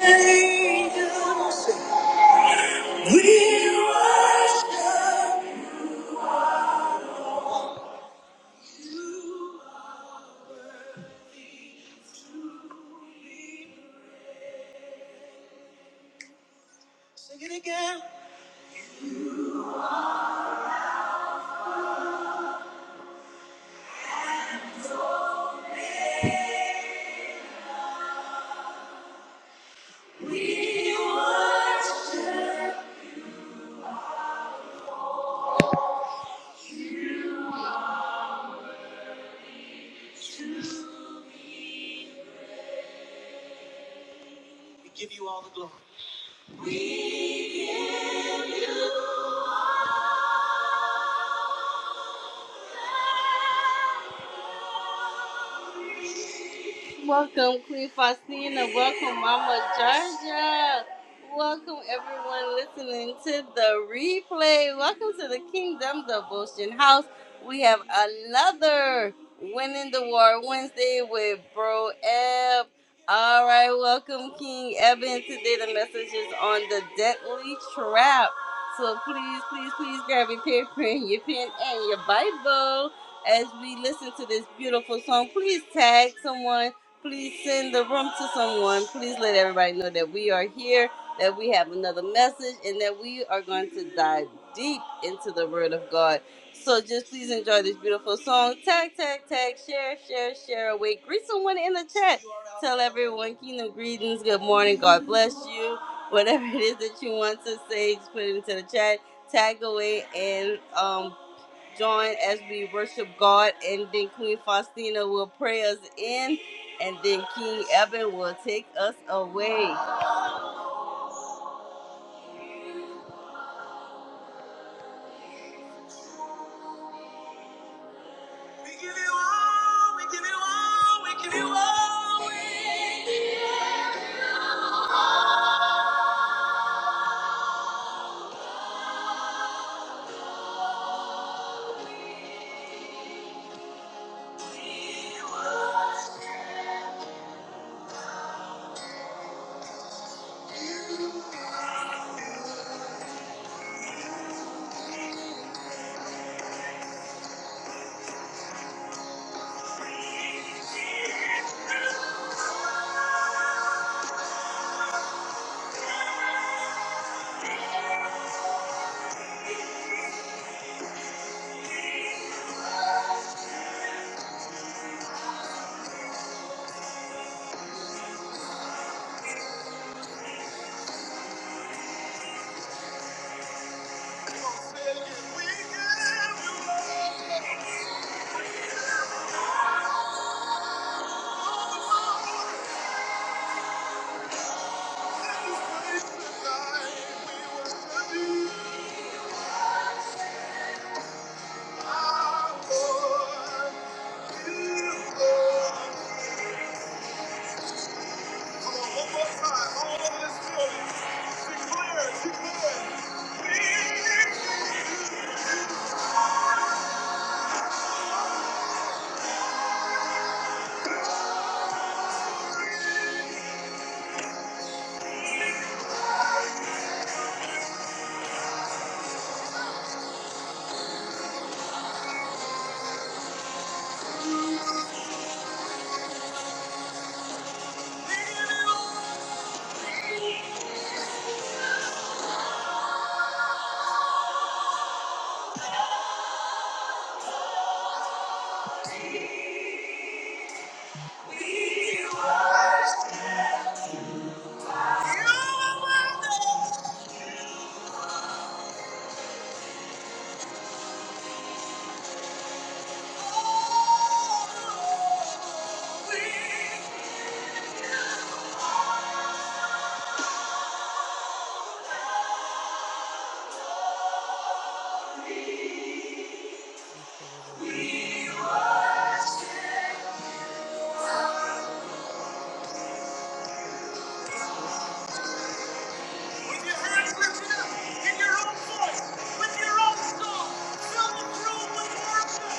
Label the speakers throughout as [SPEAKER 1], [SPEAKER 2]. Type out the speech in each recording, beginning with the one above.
[SPEAKER 1] Angels, we worship. Sing it again. We give you all the glory. Welcome, Queen Faustina. Welcome, Mama Georgia. Welcome, everyone listening to the replay. Welcome to the Kingdom Devotion House. We have another Winning the War Wednesday with Bro Eb. All right, welcome, King Evan. Today, the message is on the deadly trap. So please, please, please grab your paper and your pen and your Bible as we listen to this beautiful song. Please tag someone Please send the room to someone. Please let everybody know that we are here, that we have another message, and that we are going to dive deep into the Word of God. So just please enjoy this beautiful song. Tag, tag, tag, share, share, share away. Greet someone in the chat. Tell everyone kingdom greetings. Good morning. God bless you. Whatever it is that you want to say, just put it into the chat. Tag away and um, join as we worship God, and then Queen Faustina will pray us in, and then King Evan will take us away. We give you all, we give you all, we give you all. We give you all. Come on, one more time, all over this building. Declare, declare. With your hands lifted up, in your own voice, with your own song, fill the room with worship.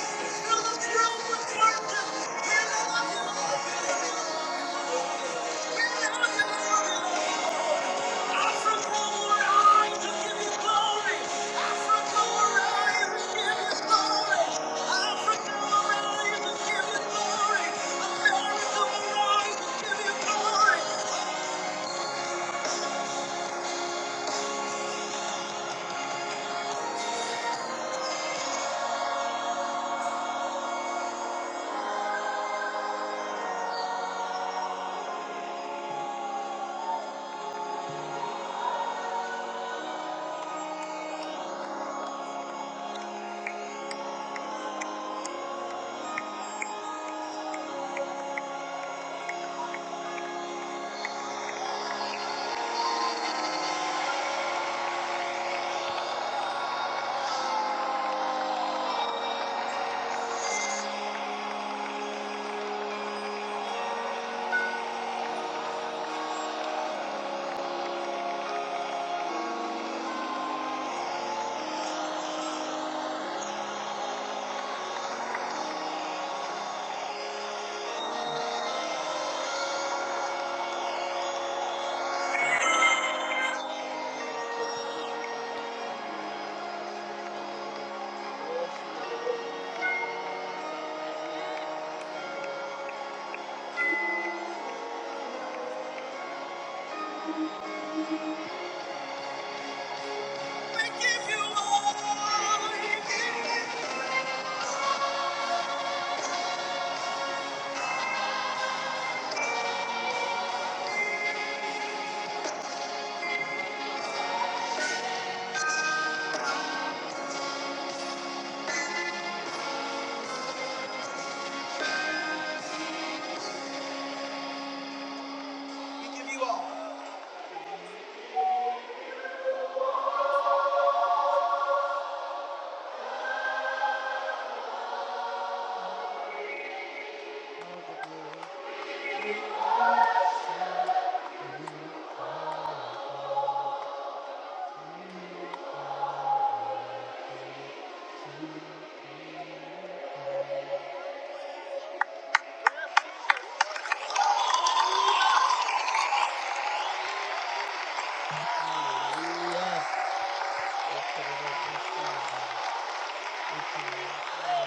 [SPEAKER 1] Fill the room with worship. We love you, Lord. We love you, Lord.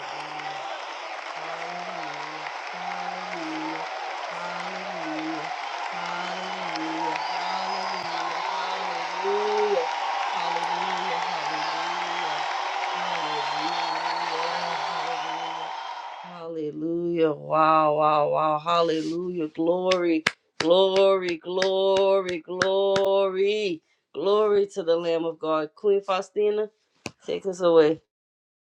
[SPEAKER 1] Hallelujah. Hallelujah. Hallelujah. Hallelujah. Hallelujah. Hallelujah. Hallelujah. Hallelujah. Hallelujah. Hallelujah. Hallelujah. Wow, wow, wow. Hallelujah. Glory, glory, glory, glory. Glory to the Lamb of God. Queen Faustina, take us away.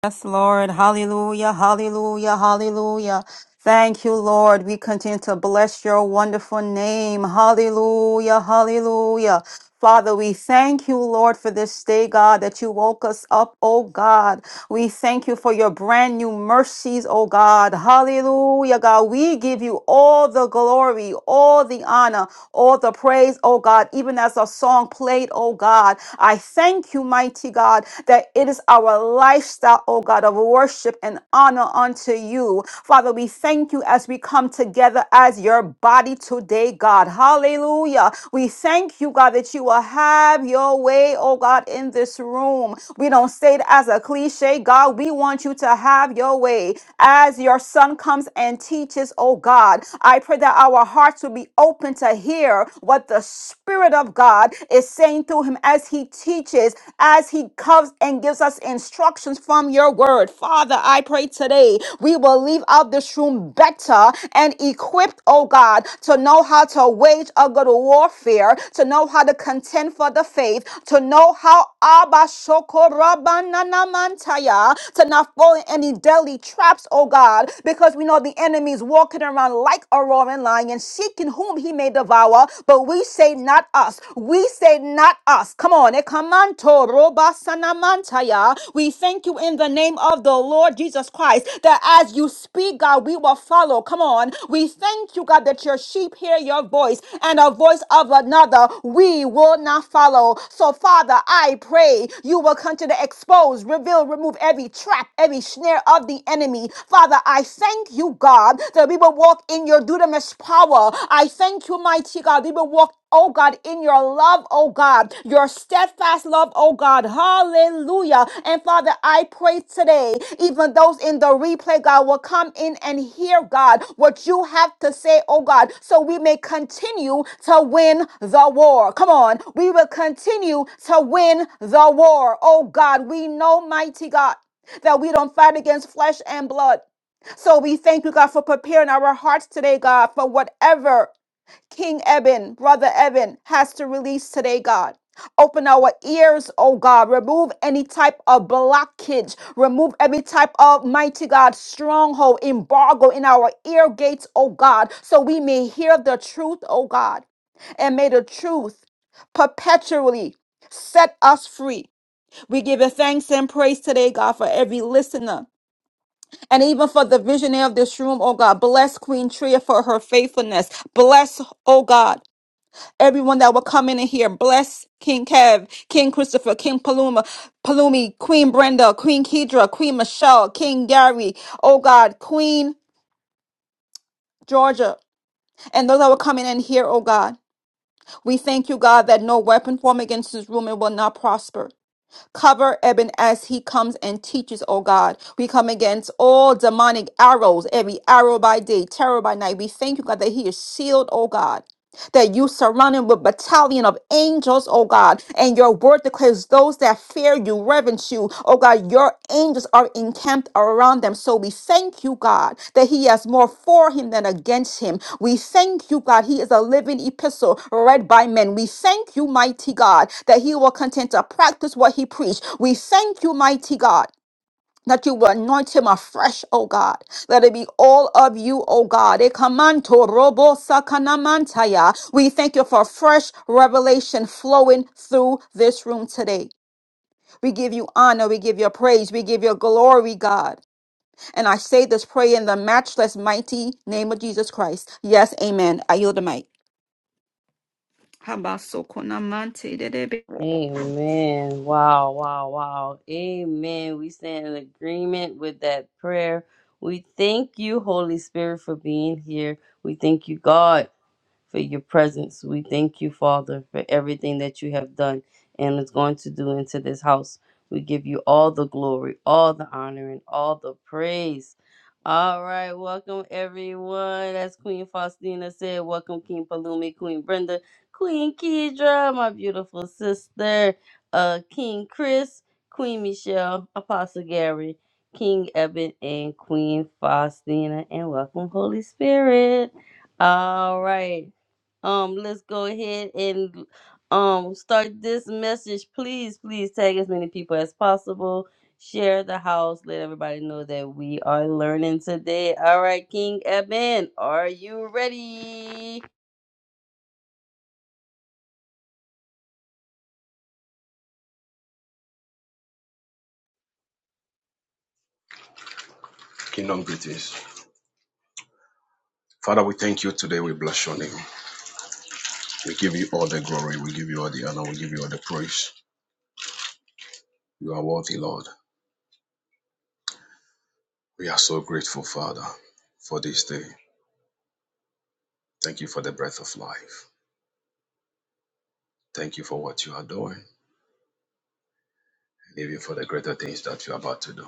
[SPEAKER 2] Yes, Lord. Hallelujah. Hallelujah. Hallelujah. Thank you, Lord. We continue to bless your wonderful name. Hallelujah. Hallelujah. Father, we thank you, Lord, for this day, God, that you woke us up, oh God. We thank you for your brand new mercies, oh God. Hallelujah, God. We give you all the glory, all the honor, all the praise, oh God, even as our song played, oh God. I thank you, mighty God, that it is our lifestyle, oh God, of worship and honor unto you. Father, we thank you as we come together as your body today, God. Hallelujah. We thank you you, God, that you will have your way, oh God, in this room. We don't say it as a cliche, God. We want you to have your way as your son comes and teaches, oh God. I pray that our hearts will be open to hear what the Spirit of God is saying through him as he teaches, as he comes and gives us instructions from your word. Father, I pray today we will leave out this room better and equipped, oh God, to know how to wage a good warfare, to know how to contend for the faith, to know how Abba Shokorabananamantaya, to not fall in any deadly traps, oh God, because we know the enemy is walking around like a roaring lion, seeking whom he may devour. But we say, not us. We say, not us. Come on, Ekamanto Antaya. We thank you in the name of the Lord Jesus Christ that as you speak, God, we will follow. Come on. We thank you, God, that your sheep hear your voice and a voice of another we will not follow. So, Father, I pray you will continue to expose, reveal, remove every trap, every snare of the enemy. Father, I thank you, God, that we will walk in your dunamis power. I thank you, mighty God. God. Even walk, oh God, in your love, oh God, your steadfast love, oh God. Hallelujah. And Father, I pray today, even those in the replay, God, will come in and hear, God, what you have to say, oh God, so we may continue to win the war. Come on. We will continue to win the war, oh God. We know, mighty God, that we don't fight against flesh and blood. So we thank you, God, for preparing our hearts today, God, for whatever. King Eben, Brother Eben, has to release today, God. Open our ears, oh God. Remove any type of blockage. Remove every type of mighty God stronghold, embargo in our ear gates, oh God, so we may hear the truth, oh God. And may the truth perpetually set us free. We give you thanks and praise today, God, for every listener. And even for the visionary of this room, oh God, bless Queen Tria for her faithfulness. Bless, oh God everyone that will come in and here. Bless King Kev, King Christopher, King Paluma, Palumi, Queen Brenda, Queen Kedra, Queen Michelle, King Gary, oh God, Queen Georgia, and those that will come in and hear. oh God. We thank you, God, that no weapon formed against this room it will not prosper. Cover Eben as he comes and teaches, oh God. We come against all demonic arrows, every arrow by day, terror by night. We thank you, God, that he is sealed, oh God. that you surround him with battalion of angels, oh God. And your word declares those that fear you, reverence you, oh God, your angels are encamped around them. So we thank you, God, that he has more for him than against him. We thank you, God, he is a living epistle read by men. We thank you, mighty God, that he will continue to practice what he preached. We thank you, mighty God that you will anoint him afresh, O God. Let it be all of you, O God. Ekamanto robo sakanamantaya. We thank you for fresh revelation flowing through this room today. We give you honor, we give you praise, we give you glory, God. And I say this prayer in the matchless, mighty name of Jesus Christ. Yes, amen. I yield the mic. Habasokonamante
[SPEAKER 1] Amen. Wow, wow, wow. Amen. We stand in agreement with that prayer. We thank you, Holy Spirit, for being here. We thank you, God for your presence. We thank you, Father, for everything that you have done and is going to do into this house. We give you all the glory, all the honor, and all the praise. All right, welcome everyone. That's Queen Faustina said. Welcome, King Palumi, Queen Brenda, Queen Kidra, my beautiful sister, uh, King Chris, Queen Michelle, Apostle Gary, King Eben, and Queen Faustina. And welcome, Holy Spirit. All right. Um, let's go ahead and um start this message. Please, please tag as many people as possible. Share the house. Let everybody know that we are learning today. All right, King Eben, are you ready?
[SPEAKER 3] Kingdom greetings. Father, we thank you today. We bless your name. We give you all the glory. We give you all the honor. We give you all the praise. You are worthy, Lord. We are so grateful, Father, for this day. Thank you for the breath of life. Thank you for what you are doing and even for the greater things that you are about to do.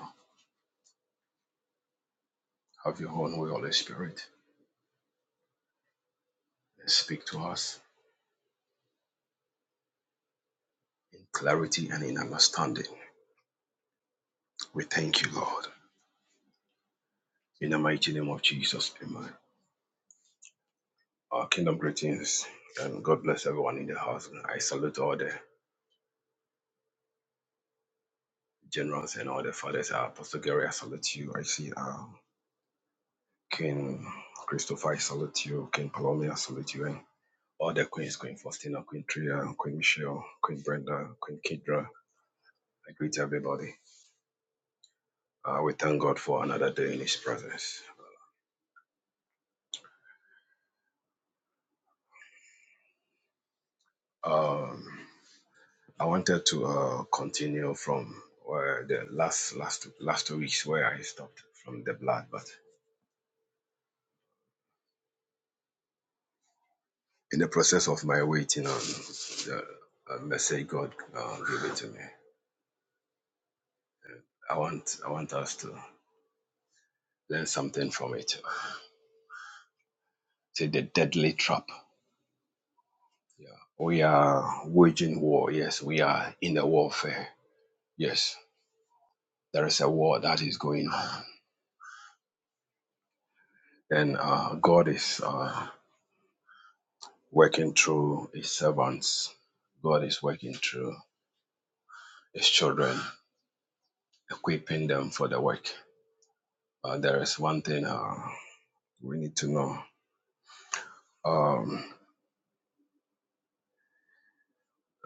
[SPEAKER 3] Have your own way, Holy Spirit, and speak to us in clarity and in understanding. We thank you, Lord. In the mighty name of Jesus, amen. Our kingdom greetings and God bless everyone in the house. I salute all the generals and all the fathers. Uh, Apostle Gary, I salute you. I see uh, King Christopher, I salute you. King Palome, I salute you. And all the queens, Queen Faustina, Queen Tria, Queen Michelle, Queen Brenda, Queen Kidra. I greet everybody. Uh, we thank God for another day in His presence. Um, I wanted to uh, continue from where the last last two, last two weeks where I stopped from the blood, but in the process of my waiting on the uh, message God uh, gave it to me. I want I want us to learn something from it. Say the deadly trap. Yeah. We are waging war. Yes, we are in a warfare. Yes, there is a war that is going on, and uh, God is uh, working through His servants. God is working through His children, equipping them for the work. Uh, there is one thing uh, we need to know. Um,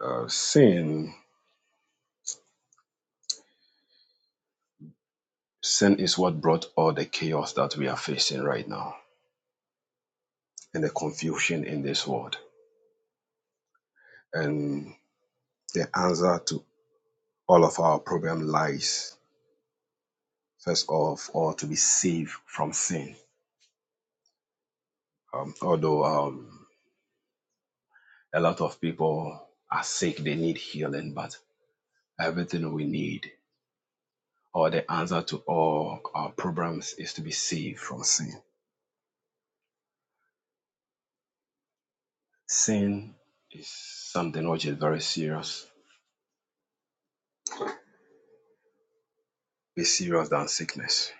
[SPEAKER 3] uh, sin, sin is what brought all the chaos that we are facing right now and the confusion in this world. And the answer to all of our problem lies, first of all, to be saved from sin. Um, although um, a lot of people are sick, they need healing, but everything we need, or the answer to all our problems, is to be saved from sin. Sin is something which is very serious, is serious than sickness.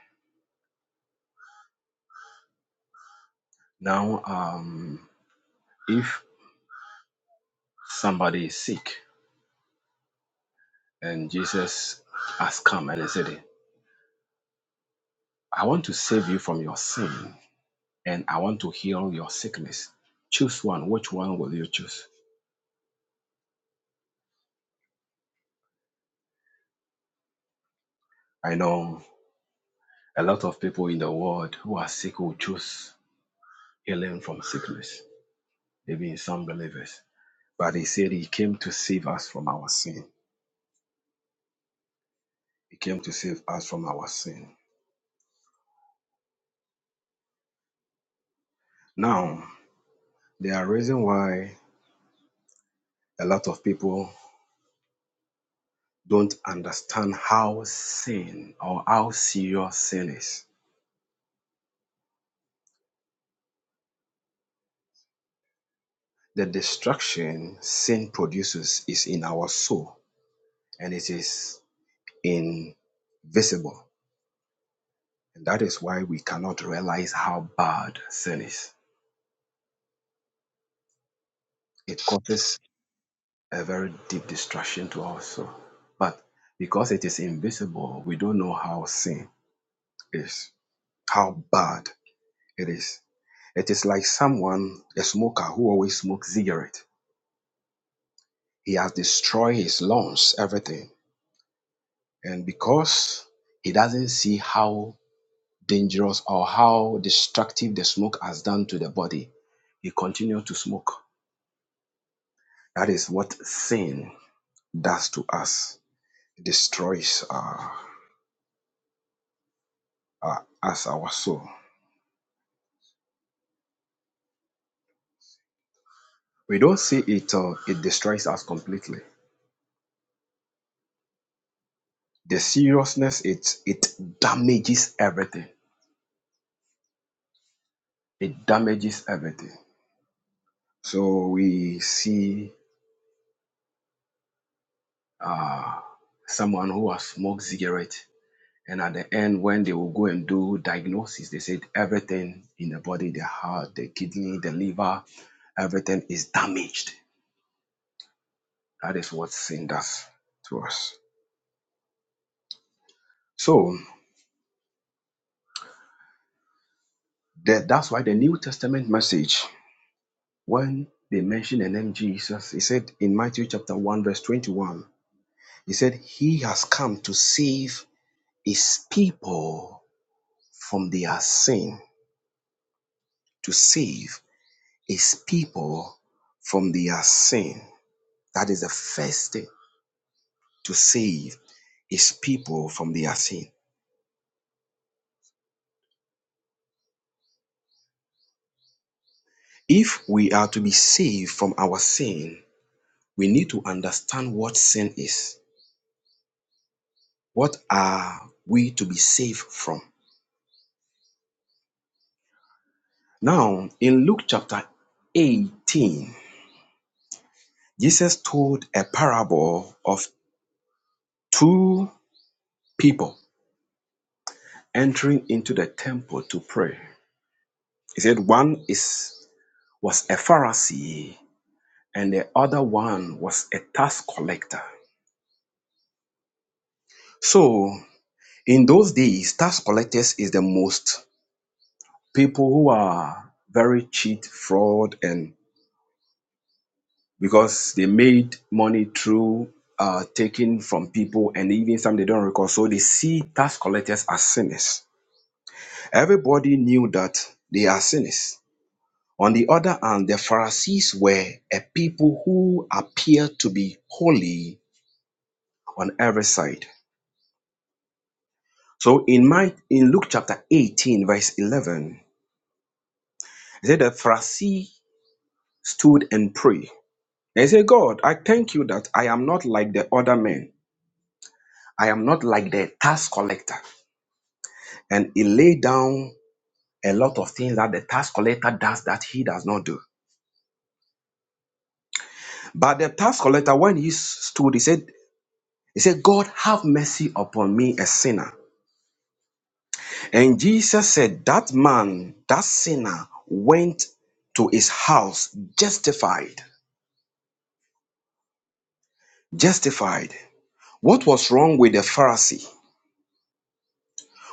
[SPEAKER 3] Now, um, if somebody is sick, And Jesus has come and he said, I want to save you from your sin and I want to heal your sickness. Choose one. Which one will you choose? I know a lot of people in the world who are sick will choose healing from sickness, maybe some believers. But he said he came to save us from our sin. He came to save us from our sin. Now, there are reason why a lot of people don't understand how sin or how serious sin is The destruction sin produces is in our soul and it is invisible. And that is why we cannot realize how bad sin is. It causes a very deep destruction to our soul. But because it is invisible, we don't know how sin is, how bad it is. It is like someone, a smoker who always smokes cigarette. He has destroyed his lungs, everything. And because he doesn't see how dangerous or how destructive the smoke has done to the body, you continue to smoke. That is what sin does to us. It destroys uh, uh, us, our soul. We don't see it, uh, it destroys us completely. The seriousness, it, it damages everything. It damages everything. So we see uh, someone who has smoked cigarette And at the end, when they will go and do diagnosis, they said everything in the body, the heart, the kidney, the liver, everything is damaged. That is what sin does to us. So that, that's why the New Testament message, when they mention the name Jesus, he said in Matthew chapter 1, verse 21, he said, He has come to save his people from their sin. To save his people from their sin. That is the first thing to save his people from their sin. If we are to be saved from our sin, we need to understand what sin is. What are we to be saved from? Now, in Luke chapter 18, Jesus told a parable of two people entering into the temple to pray. He said one is was a Pharisee and the other one was a tax collector. So In those days, tax collectors is the most people who are very cheat, fraud, and because they made money through uh, taking from people, and even some they don't recall. So they see tax collectors as sinners. Everybody knew that they are sinners. On the other hand, the Pharisees were a people who appeared to be holy on every side. So in my in Luke chapter 18, verse 11, it said the Pharisee stood and prayed. They say, God, I thank you that I am not like the other men. I am not like the tax collector. And he laid down a lot of things that the tax collector does that he does not do. But the tax collector, when he stood, he said, He said, God, have mercy upon me, a sinner. And Jesus said, That man, that sinner, went to his house justified. Justified. What was wrong with the Pharisee?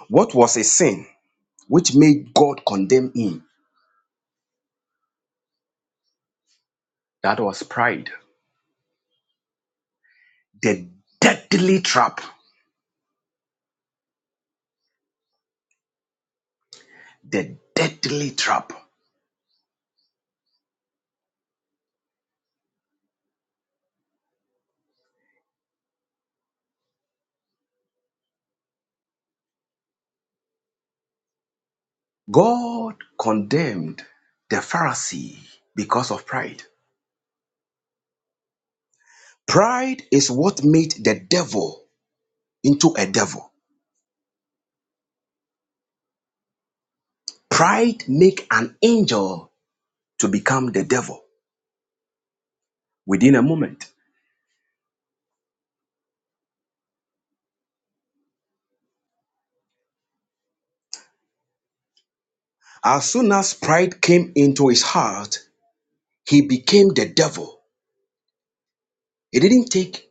[SPEAKER 3] What was his sin? which made God condemn him. That was pride. The deadly trap. The deadly trap. God condemned the Pharisee because of pride. Pride is what made the devil into a devil. Pride make an angel to become the devil within a moment. As soon as pride came into his heart, he became the devil. It didn't take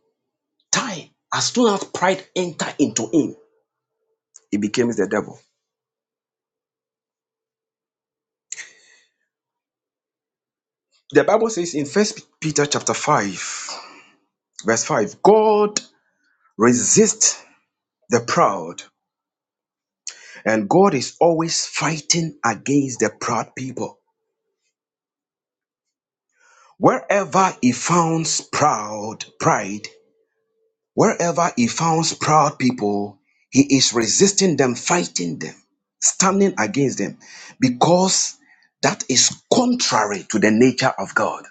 [SPEAKER 3] time. As soon as pride entered into him, He became the devil. The Bible says in First Peter chapter 5, verse 5, God resists the proud, and God is always fighting against the proud people. Wherever he founds proud pride, wherever he founds proud people, he is resisting them, fighting them, standing against them, because that is contrary to the nature of God.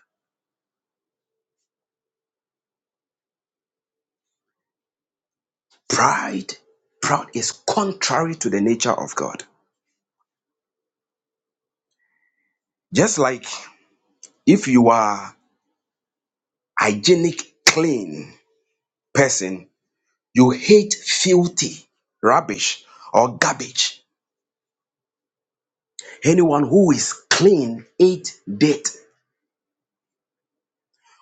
[SPEAKER 3] Pride, proud is contrary to the nature of God. Just like if you are hygienic, clean person, you hate filthy rubbish or garbage. Anyone who is clean hate dirt.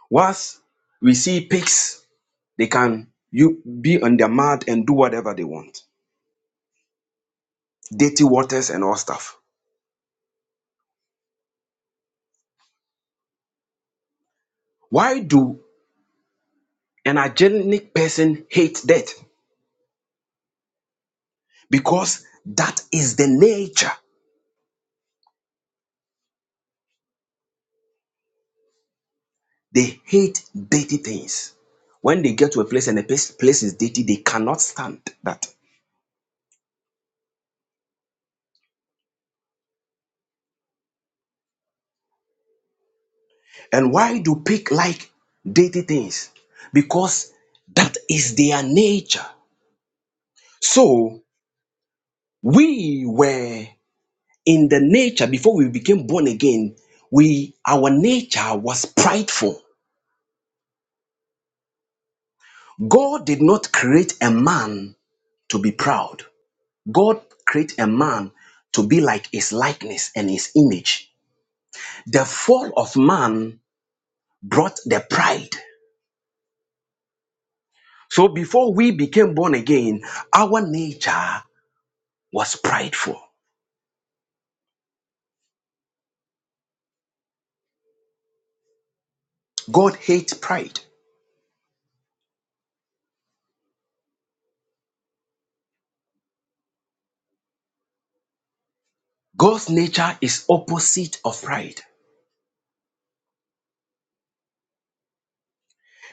[SPEAKER 3] Whilst we see pigs, they can you be on their mud and do whatever they want. Dirty waters and all stuff. Why do an hygienic person hate death? Because that is the nature. They hate dirty things. When they get to a place and the place is dirty, they cannot stand that. And why do pigs like dirty things? Because that is their nature. So we were in the nature before we became born again. We our nature was prideful. God did not create a man to be proud. God created a man to be like his likeness and his image. The fall of man brought the pride. So before we became born again, our nature was prideful. God hates pride. God's nature is opposite of pride.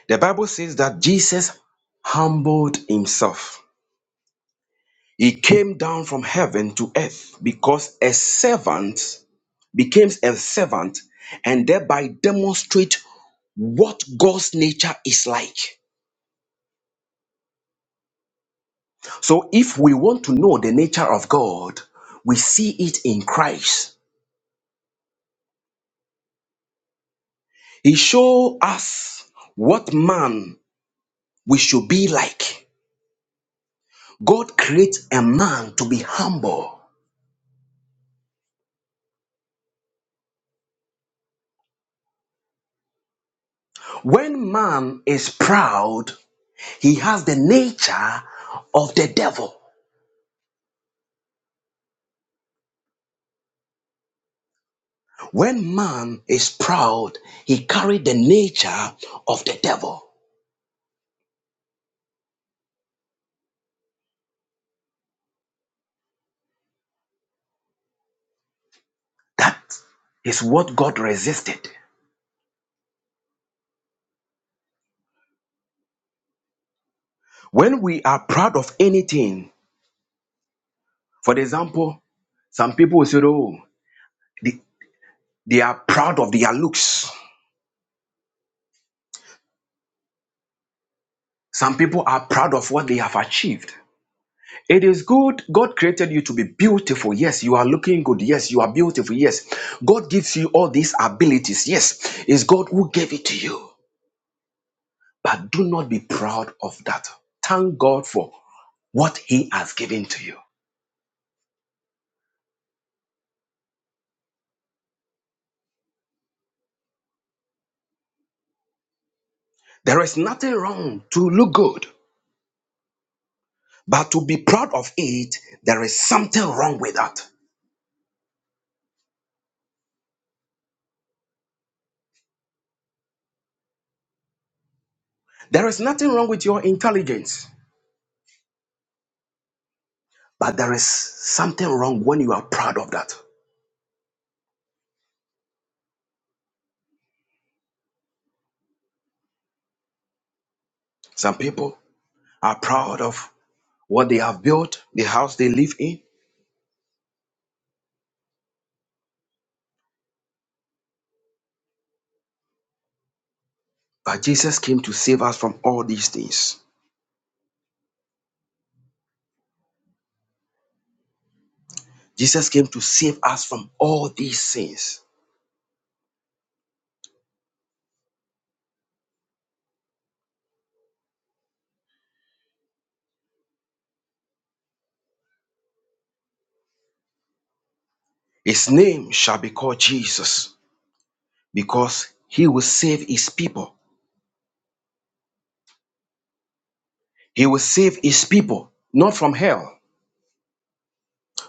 [SPEAKER 3] The Bible says that Jesus humbled himself. He came down from heaven to earth because a servant became a servant and thereby demonstrate what God's nature is like. So if we want to know the nature of God, we see it in Christ. He show us what man we should be like. God creates a man to be humble. When man is proud, he has the nature of the devil. When man is proud, he carry the nature of the devil. That is what God resisted. When we are proud of anything, for example, some people will say, oh, they, they are proud of their looks. Some people are proud of what they have achieved. It is good. God created you to be beautiful. Yes, you are looking good. Yes, you are beautiful. Yes, God gives you all these abilities. Yes, it's God who gave it to you. But do not be proud of that. Thank God for what He has given to you. There is nothing wrong to look good, but to be proud of it, there is something wrong with that. There is nothing wrong with your intelligence, but there is something wrong when you are proud of that. Some people are proud of what they have built, the house they live in. But Jesus came to save us from all these things. Jesus came to save us from all these sins. His name shall be called Jesus because he will save his people. He will save his people not from hell,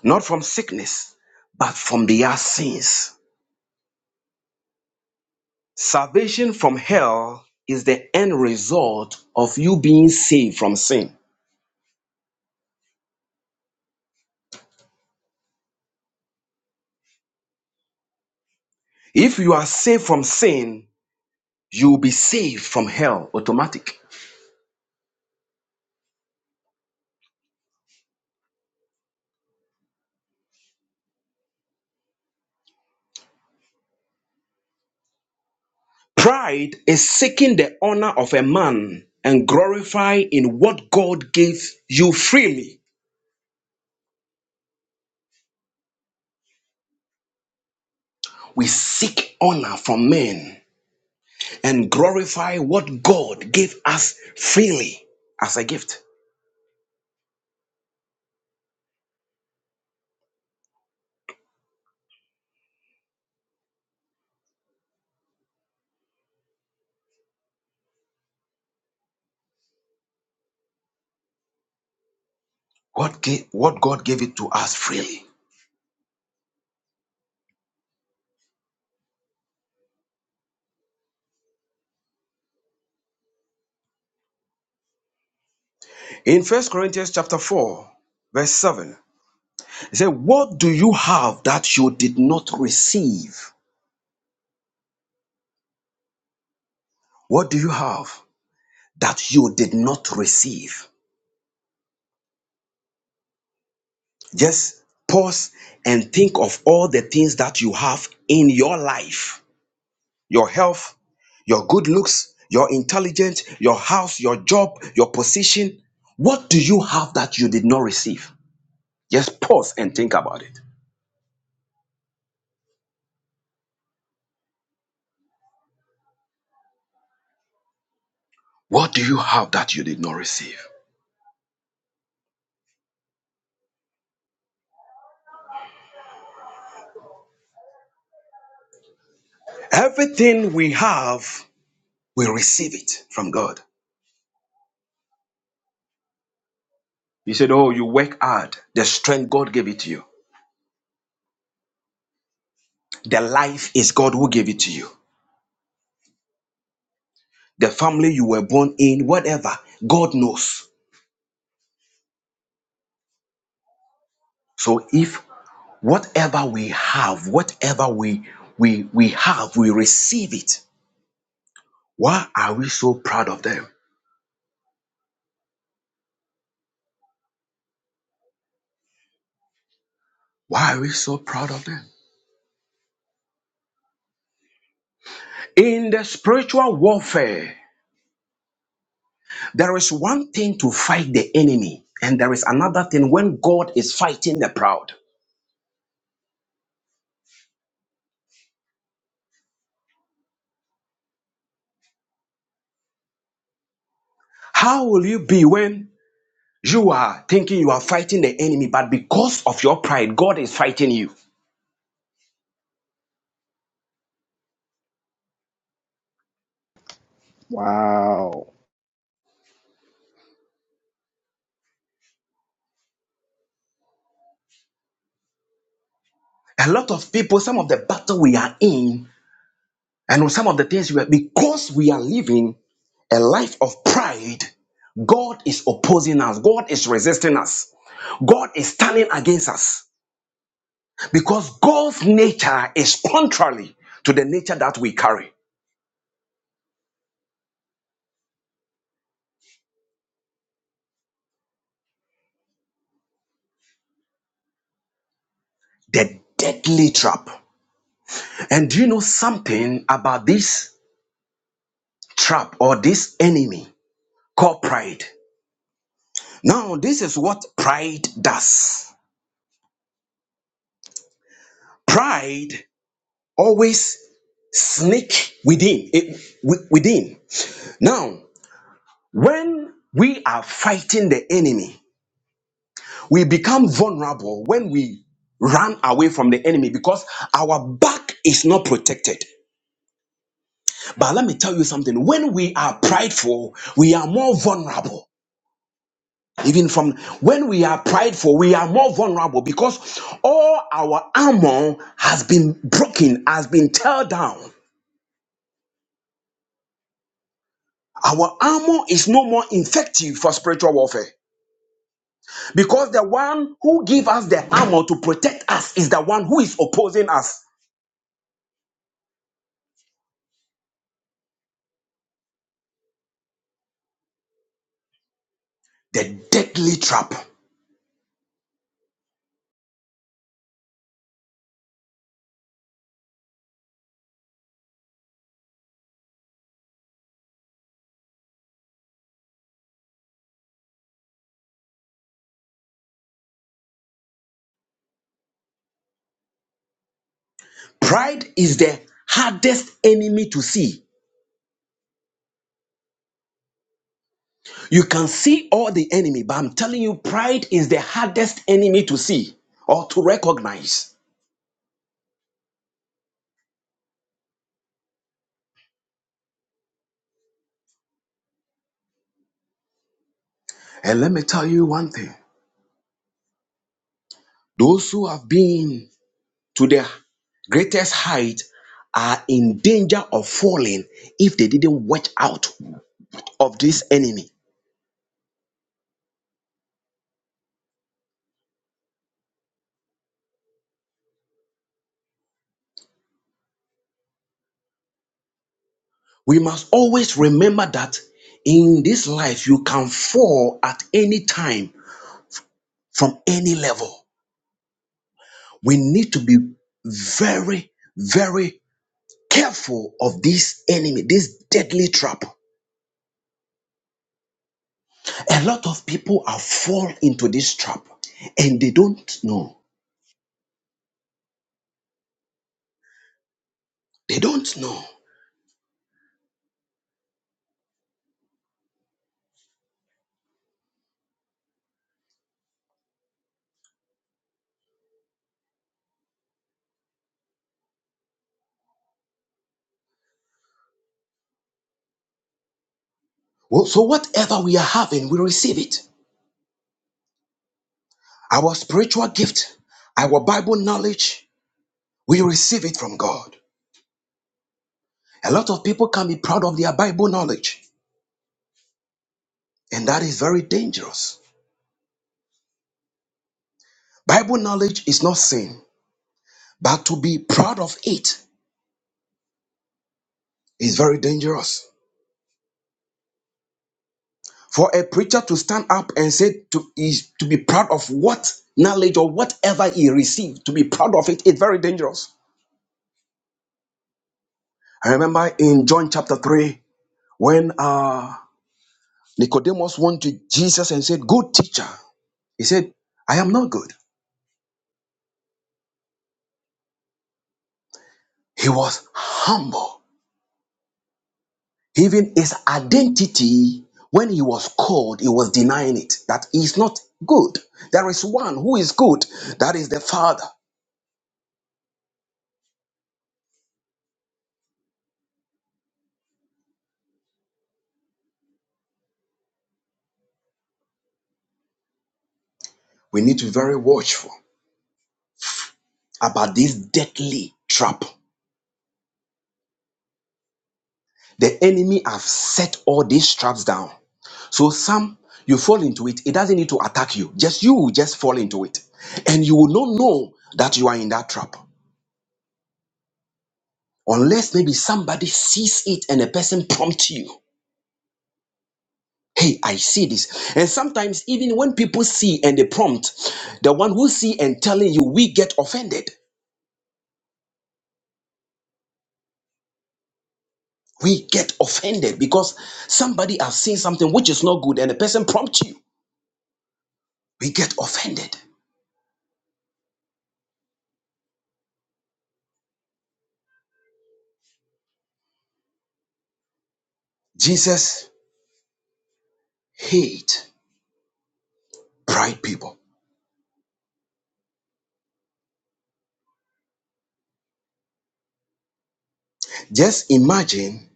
[SPEAKER 3] not from sickness, but from their sins. Salvation from hell is the end result of you being saved from sin. If you are saved from sin, you will be saved from hell automatic pride is seeking the honor of a man and glorify in what god gave you freely we seek honor from men and glorify what god gave us freely as a gift what, gave? what god gave it to us freely in first corinthians chapter 4 verse 7 it said what do you have that you did not receive what do you have that you did not receive Just pause and think of all the things that you have in your life your health, your good looks, your intelligence, your house, your job, your position. What do you have that you did not receive? Just pause and think about it. What do you have that you did not receive? Everything we have, we receive it from God. He said, Oh, you work hard. The strength God gave it to you. The life is God who gave it to you. the family you were born in, whatever. God knows. So if whatever we have, whatever we we we have, we receive it. Why are we so proud of them? Why are we so proud of them? In the spiritual warfare, there is one thing to fight the enemy, and there is another thing when God is fighting the proud. How will you be when you are thinking you are fighting the enemy, but because of your pride, God is fighting you?
[SPEAKER 4] Wow.
[SPEAKER 3] A lot of people, some of the battle we are in, and some of the things we are, because we are living a life of pride, God is opposing us, God is resisting us, God is standing against us because God's nature is contrary to the nature that we carry. The deadly trap. And do you know something about this trap or this enemy called pride? Now, this is what pride does. Pride always sneak within eh, wi- within now when we are fighting the enemy we become vulnerable when we run away from the enemy because our back is not protected but let me tell you something when we are prideful we are more vulnerable even from when we are prideful we are more vulnerable because all our armor has been broken has been tear down our armor is no more effective for spiritual warfare Because the one who gives us the armor to protect us is the one who is opposing us. The deadly trap. Pride is the hardest enemy to see. You can see all the enemy, but I'm telling you, pride is the hardest enemy to see or to recognize. And let me tell you one thing those who have been to their greatest height are in danger of falling if they didn't watch out of this enemy. We must always remember that in this life, you can fall at any time from any level. We need to be very, very careful of this enemy, this deadly trap. A lot of people are fall into this trap and they don't know. They don't know. Well, so whatever we are having, we receive it. Our spiritual gift, our Bible knowledge, we receive it from God. A lot of people can be proud of their Bible knowledge. and that is very dangerous. Bible knowledge is not sin, but to be proud of it is very dangerous. For a preacher to stand up and say to is to be proud of what knowledge or whatever he received, to be proud of it is very dangerous. I remember in John chapter 3, when uh, Nicodemus went to Jesus and said, Good teacher. He said, I am not good. He was humble Even his identity, when he was called, he was denying it. That he is not good. There is one who is good. That is the Father. We need to be very watchful about this deadly trap. The enemy have set all these traps down. So some you fall into it. It doesn't need to attack you. Just you will just fall into it, and you will not know that you are in that trap unless maybe somebody sees it and a person prompts you. hey i see this and sometimes even when people see and they prompt the one who see and telling you we get offended we get offended because somebody has seen something which is not good and the person prompts you we get offended jesus hate pride people just imagine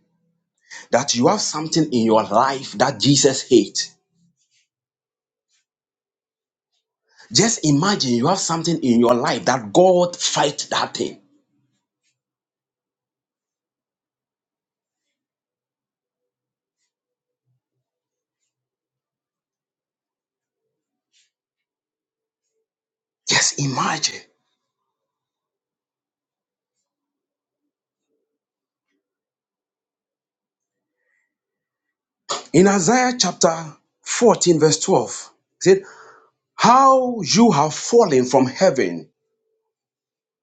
[SPEAKER 3] that you have something in your life that jesus hate just imagine you have something in your life that god fight that thing just imagine In Isaiah chapter 14, verse 12, it said, How you have fallen from heaven,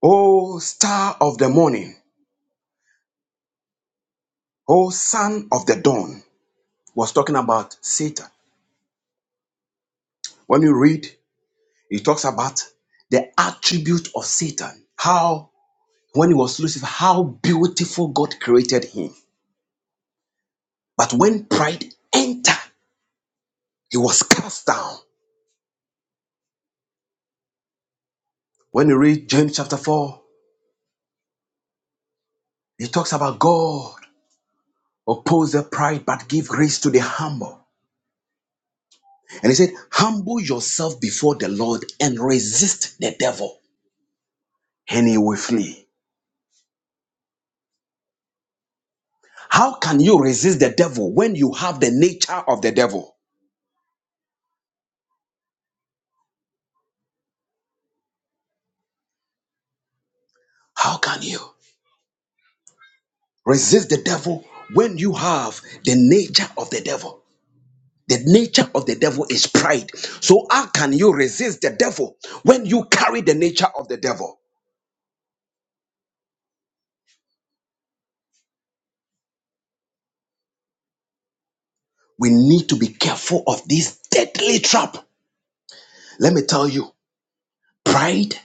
[SPEAKER 3] O star of the morning, O son of the dawn. Was talking about Satan. When you read, it talks about the attribute of Satan. How, when he was Lucifer, how beautiful God created him. But when pride entered, he was cast down. When you read James chapter 4, he talks about God oppose the pride but give grace to the humble. And he said, Humble yourself before the Lord and resist the devil, and he will flee. How can you resist the devil when you have the nature of the devil? How can you resist the devil when you have the nature of the devil? The nature of the devil is pride. So, how can you resist the devil when you carry the nature of the devil? We need to be careful of this deadly trap. Let me tell you, pride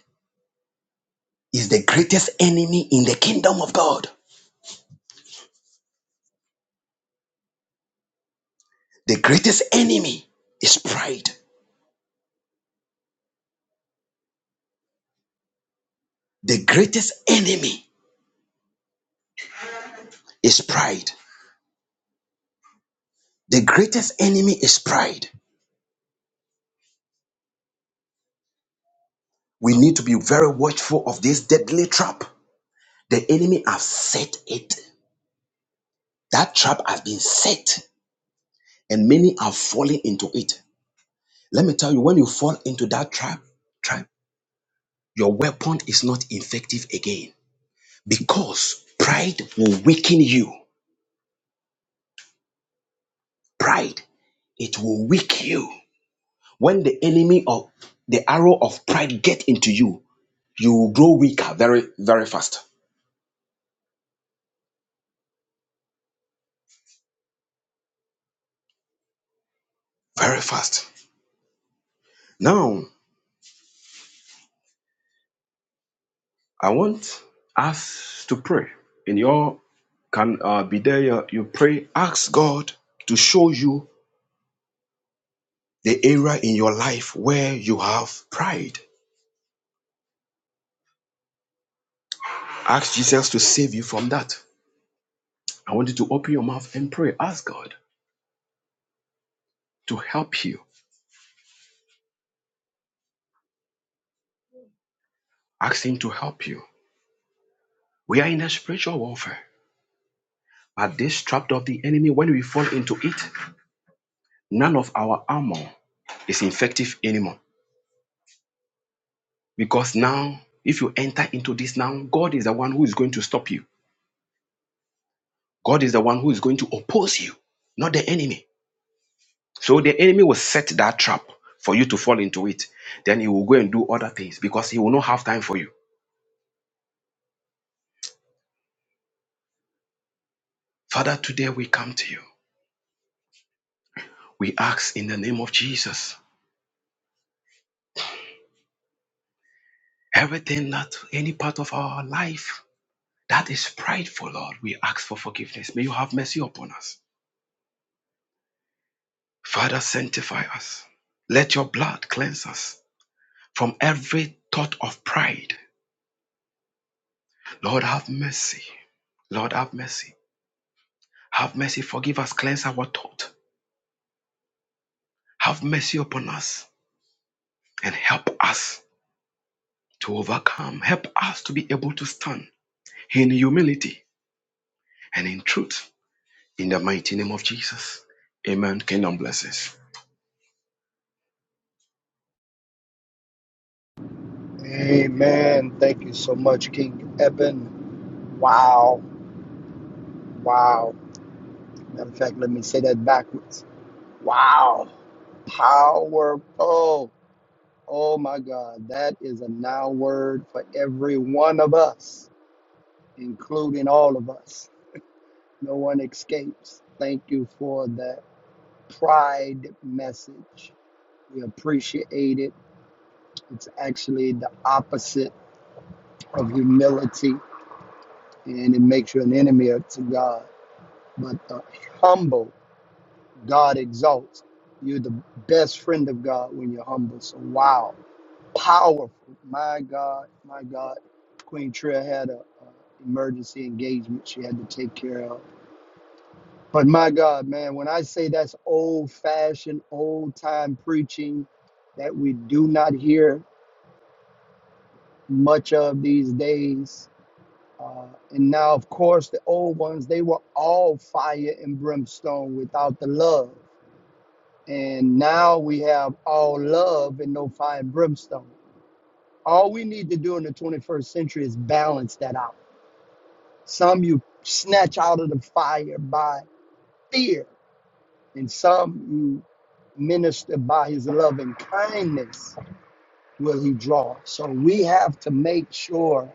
[SPEAKER 3] is the greatest enemy in the kingdom of God. The greatest enemy is pride. The greatest enemy is pride. The greatest enemy is pride. We need to be very watchful of this deadly trap. The enemy has set it. That trap has been set, and many are falling into it. Let me tell you, when you fall into that trap, trap, your weapon is not effective again because pride will weaken you. Pride, it will weaken you. When the enemy of the arrow of pride get into you, you will grow weaker very, very fast. Very fast. Now, I want us to pray. In your can uh, be there, you you pray, ask God to show you the area in your life where you have pride. Ask Jesus to save you from that. I want you to open your mouth and pray. Ask God to help you. Ask Him to help you. We are in a spiritual warfare. But this trap of the enemy, when we fall into it, None of our armor is effective anymore because now, if you enter into this now, God is the one who is going to stop you. God is the one who is going to oppose you, not the enemy. So the enemy will set that trap for you to fall into it. Then he will go and do other things because he will not have time for you. Father, today we come to you. We ask in the name of Jesus everything that any part of our life that is prideful, Lord, we ask for forgiveness. May you have mercy upon us. Father, sanctify us. Let your blood cleanse us from every thought of pride. Lord, have mercy. Lord, have mercy. Have mercy. Forgive us. Cleanse our thought. Have mercy upon us and help us to overcome. Help us to be able to stand in humility and in truth. In the mighty name of Jesus. Amen. Kingdom blessings.
[SPEAKER 4] Amen. Thank you so much, King Eben. Wow. Wow. Matter of fact, let me say that backwards. Wow. Powerful. Oh my God. That is a now word for every one of us, including all of us. No one escapes. Thank you for that pride message. We appreciate it. It's actually the opposite of humility and it makes you an enemy to God. But the humble God exalts. You're the best friend of God when you're humble. So wow, powerful. My God, my God. Queen Trill had a, a emergency engagement she had to take care of. But my God, man, when I say that's old-fashioned, old-time preaching that we do not hear much of these days. Uh, and now, of course, the old ones, they were all fire and brimstone without the love. And now we have all love and no fire and brimstone. All we need to do in the 21st century is balance that out. Some you snatch out of the fire by fear, and some you minister by his loving kindness will he draw. So we have to make sure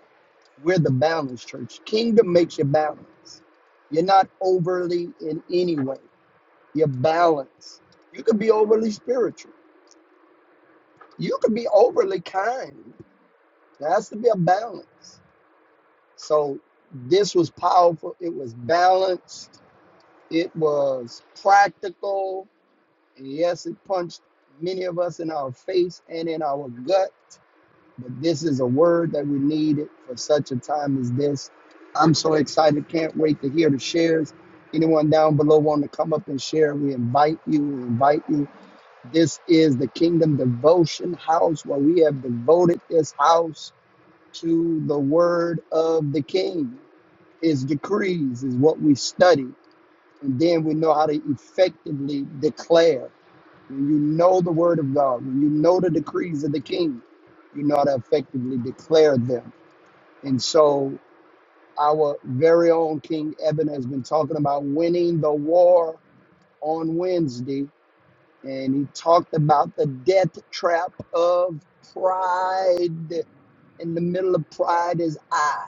[SPEAKER 4] we're the balance church. Kingdom makes you balance. You're not overly in any way. You're balanced. You could be overly spiritual. You could be overly kind. There has to be a balance. So this was powerful. It was balanced. It was practical. And yes, it punched many of us in our face and in our gut. But this is a word that we needed for such a time as this. I'm so excited. Can't wait to hear the shares. Anyone down below want to come up and share? We invite you. We invite you. This is the Kingdom Devotion House where we have devoted this house to the word of the king. His decrees is what we study, and then we know how to effectively declare. When you know the word of God, when you know the decrees of the king, you know how to effectively declare them. And so, our very own King Eben has been talking about winning the war on Wednesday, and he talked about the death trap of pride. In the middle of pride is I.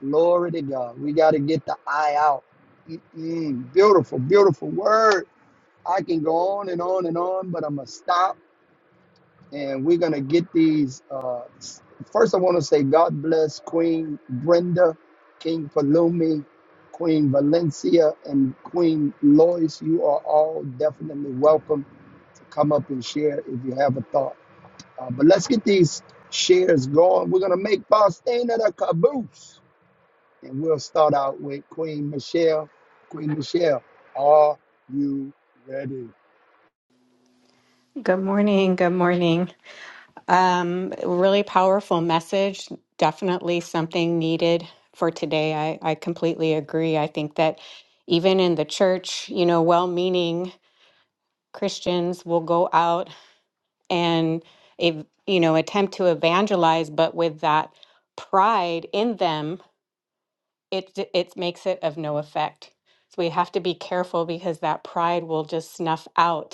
[SPEAKER 4] Glory to God. We got to get the eye out. Mm-mm. Beautiful, beautiful word. I can go on and on and on, but I'm going to stop and we're going to get these. Uh, s- first, I want to say God bless Queen Brenda, King Palumi, Queen Valencia, and Queen Lois. You are all definitely welcome to come up and share if you have a thought. Uh, but let's get these shares going. We're going to make Faustina the caboose. And we'll start out with Queen Michelle. Queen Michelle, are you ready?
[SPEAKER 5] Good morning. Good morning. Um, really powerful message. Definitely something needed for today. I, I completely agree. I think that even in the church, you know, well meaning Christians will go out and, ev- you know, attempt to evangelize, but with that pride in them, it, d- it makes it of no effect. So we have to be careful because that pride will just snuff out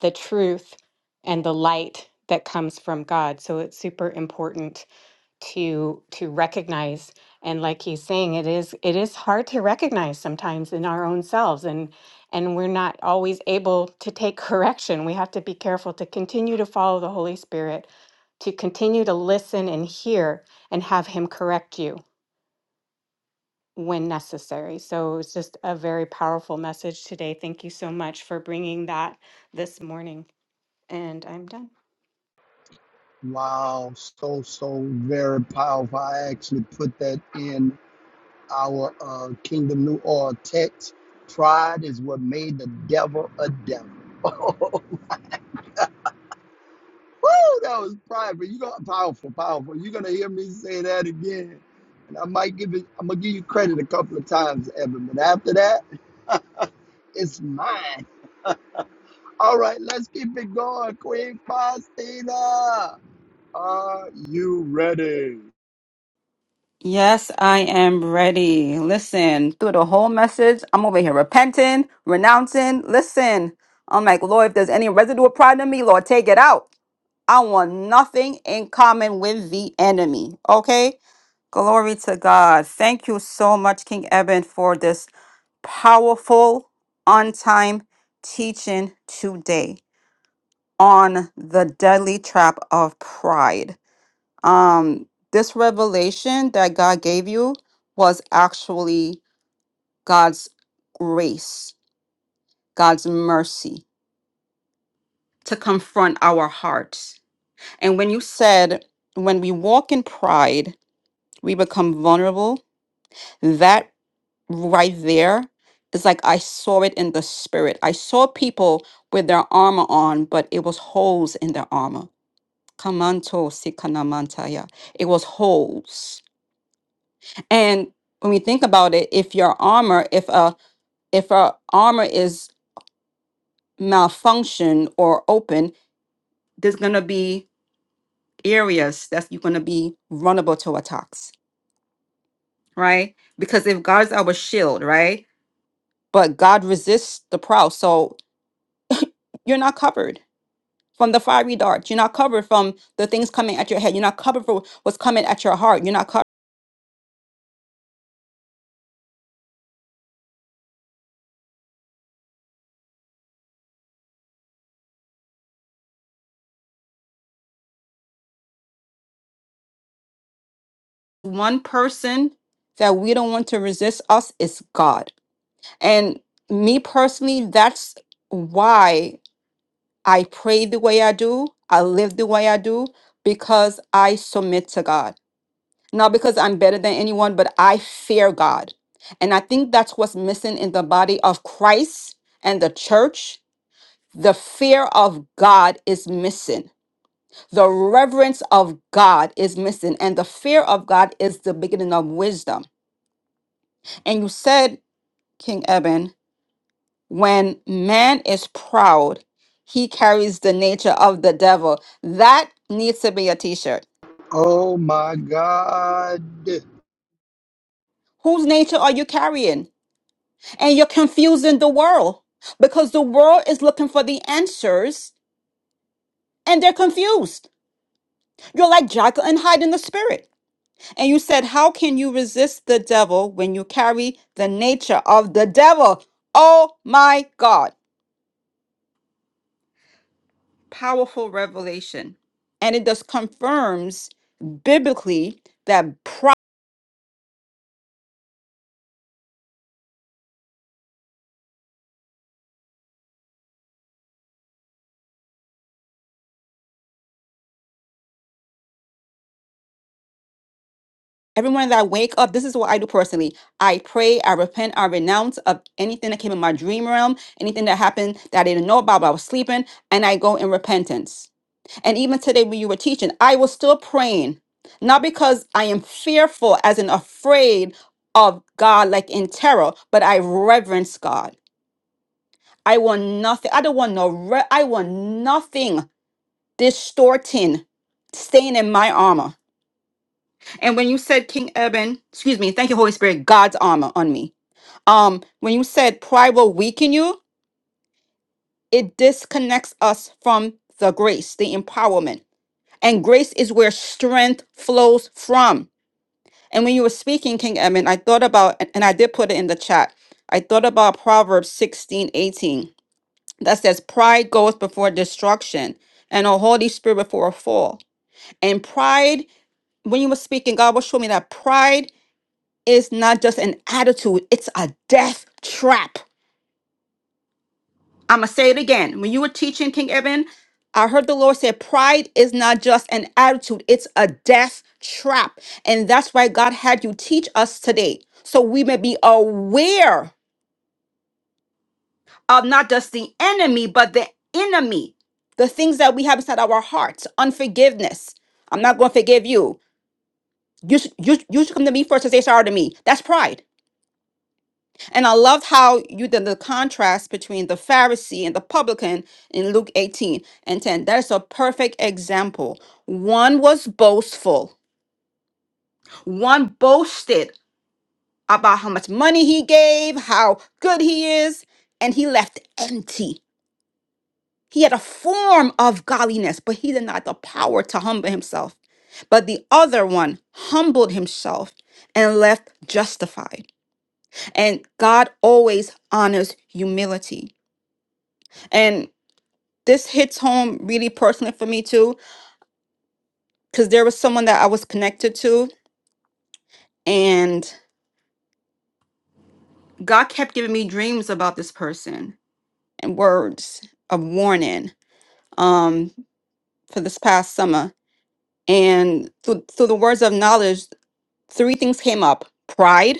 [SPEAKER 5] the truth and the light that comes from God. So it's super important to to recognize and like he's saying it is it is hard to recognize sometimes in our own selves and and we're not always able to take correction. We have to be careful to continue to follow the Holy Spirit, to continue to listen and hear and have him correct you when necessary. So it's just a very powerful message today. Thank you so much for bringing that this morning and I'm done.
[SPEAKER 4] Wow, so, so very powerful. I actually put that in our uh, Kingdom New Orleans text. Pride is what made the devil a devil. Woo, that was private. You got powerful, powerful. You're gonna hear me say that again. And I might give it, I'm gonna give you credit a couple of times, Evan, but after that, it's mine. All right, let's keep it going. Queen Faustina, are you ready?
[SPEAKER 2] Yes, I am ready. Listen, through the whole message, I'm over here repenting, renouncing. Listen, I'm like, Lord, if there's any residue of pride in me, Lord, take it out. I want nothing in common with the enemy. Okay? Glory to God. Thank you so much, King Eben, for this powerful, on time teaching today on the deadly trap of pride um this revelation that God gave you was actually God's grace, God's mercy to confront our hearts. And when you said when we walk in pride, we become vulnerable, that right there is like I saw it in the spirit. I saw people with their armor on, but it was holes in their armor. Kamanto sikanamantaya. It was holes. And when we think about it, if your armor, if a if a armor is malfunctioned or open, there's gonna be areas that you're gonna be vulnerable to attacks, right? Because if God's our shield, right? But God resists the proud, so you're not covered from the fiery darts. You're not covered from the things coming at your head. You're not covered for what's coming at your heart. You're not covered. One person that we don't want to resist us is God And me personally, that's why I pray the way I do, I live the way I do, because I submit to God. Not because I'm better than anyone, but I fear God. And I think that's what's missing in the body of Christ and the church. The fear of God is missing. The reverence of God is missing. And the fear of God is the beginning of wisdom. And you said, King Eben. When man is proud, he carries the nature of the devil. That needs to be a t shirt.
[SPEAKER 4] Oh my God.
[SPEAKER 2] Whose nature are you carrying? And you're confusing the world because the world is looking for the answers and they're confused. You're like Jekyll and Hyde in the spirit. And you said, How can you resist the devil when you carry the nature of the devil? Oh my God. Powerful revelation. And it just confirms biblically that Every morning that I wake up, this is what I do personally. I pray, I repent, I renounce of anything that came in my dream realm, anything that happened that I didn't know about, but I was sleeping, and I go in repentance. And even today, when you were teaching, I was still praying, not because I am fearful, as in afraid of God, like in terror, but I reverence God. I want nothing. I don't want no. Re- I want nothing distorting, staying in my armor. And when you said King Eben, excuse me, thank you, Holy Spirit, God's armor on me. Um, when you said pride will weaken you, it disconnects us from the grace, the empowerment. And grace is where strength flows from. And when you were speaking, King Eben, I thought about, and and I did put it in the chat, I thought about Proverbs 16 18 that says, Pride goes before destruction and a Holy Spirit before a fall. And pride, when you were speaking, God was showing me that pride Is not just an attitude, it's a death trap. I'm going to say it again. When you were teaching King Eben, I heard the Lord say, Pride is not just an attitude, it's a death trap. And that's why God had you teach us today. So we may be aware of not just the enemy, but the enemy, the things that we have inside our hearts, unforgiveness. I'm not going to forgive you. You should, you, you should come to me first and say sorry to me. That's pride. And I loved how you did the contrast between the Pharisee and the publican in Luke 18 and 10. That's a perfect example. One was boastful, one boasted about how much money he gave, how good he is, and he left empty. He had a form of godliness, but he did not have the power to humble himself. But the other one humbled himself and left justified. And God always honors humility. And this hits home really personally for me too because there was someone that i was connected to and god kept giving me dreams about this person and words of warning um for this past summer and through, through the words of knowledge three things came up pride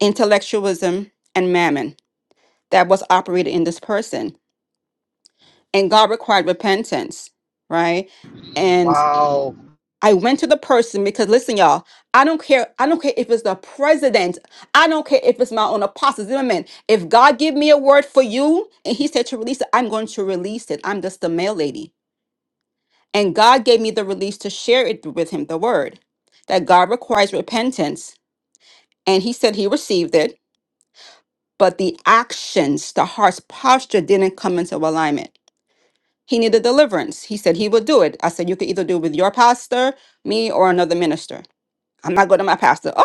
[SPEAKER 2] intellectualism and mammon that was operated in this person and god required repentance right
[SPEAKER 4] Wow.
[SPEAKER 2] I went to the person because listen, y'all, I don't care. I don't care if it's the president. I don't care if it's my own apostle Zimmerman. If God give me a word for you and he said to release it, I'm going to release it. I'm just the mail lady. And God gave me the release to share it with him, the word that God requires repentance. And he said he received it, but the actions, the heart's posture didn't come into alignment. He needed deliverance. He said he would do it. I said, you could either do it with your pastor, me, or another minister. I'm not going to my pastor. Oh,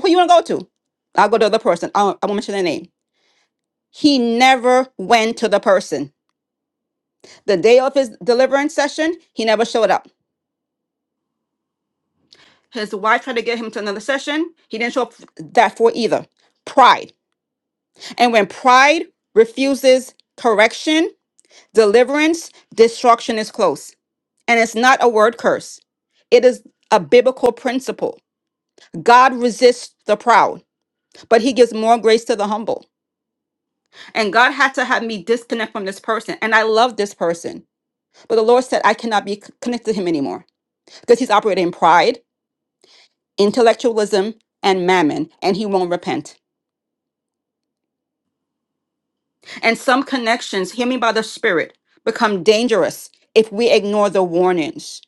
[SPEAKER 2] Who you want to go to? I'll go to the other person. I won't, I won't mention their name. He never went to the person. The day of his deliverance session, he never showed up. His wife tried to get him to another session. He didn't show up f- that for either. Pride. And when pride refuses correction, deliverance, destruction is close. And it's not a word curse, it is a biblical principle. God resists the proud, but he gives more grace to the humble. And God had to have me disconnect from this person. And I love this person. But the Lord said, I cannot be c- connected to him anymore because he's operating in pride, intellectualism, and mammon, and he won't repent. And some connections, hear me by the Spirit, become dangerous if we ignore the warnings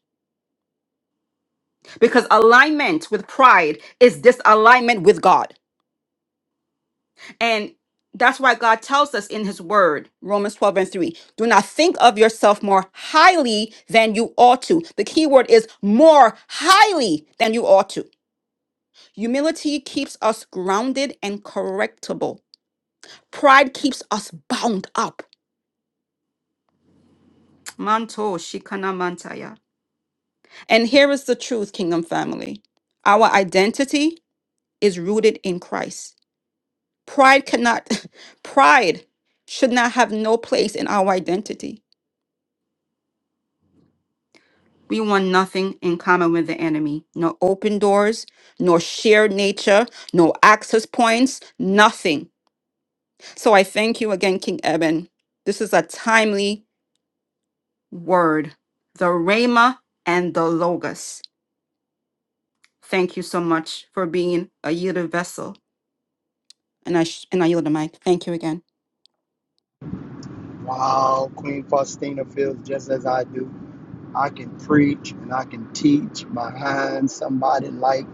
[SPEAKER 2] because alignment with pride is disalignment with God. And that's why God tells us in his word, Romans 12 and 3, do not think of yourself more highly than you ought to. The key word is more highly than you ought to. Humility keeps us grounded and correctable. Pride keeps us bound up. Manto shikana mantaya. And here is the truth, kingdom family. Our identity is rooted in Christ. Pride cannot, pride should not have no place in our identity. We want nothing in common with the enemy. No open doors, no shared nature, no access points, nothing. So I thank you again, King Eben. This is a timely word, the Rhema and the Logos. Thank you so much for being a yielded vessel. And I, sh- and I yield the mic. Thank you again.
[SPEAKER 4] Wow. Queen Faustina feels just as I do. I can preach and I can teach behind somebody like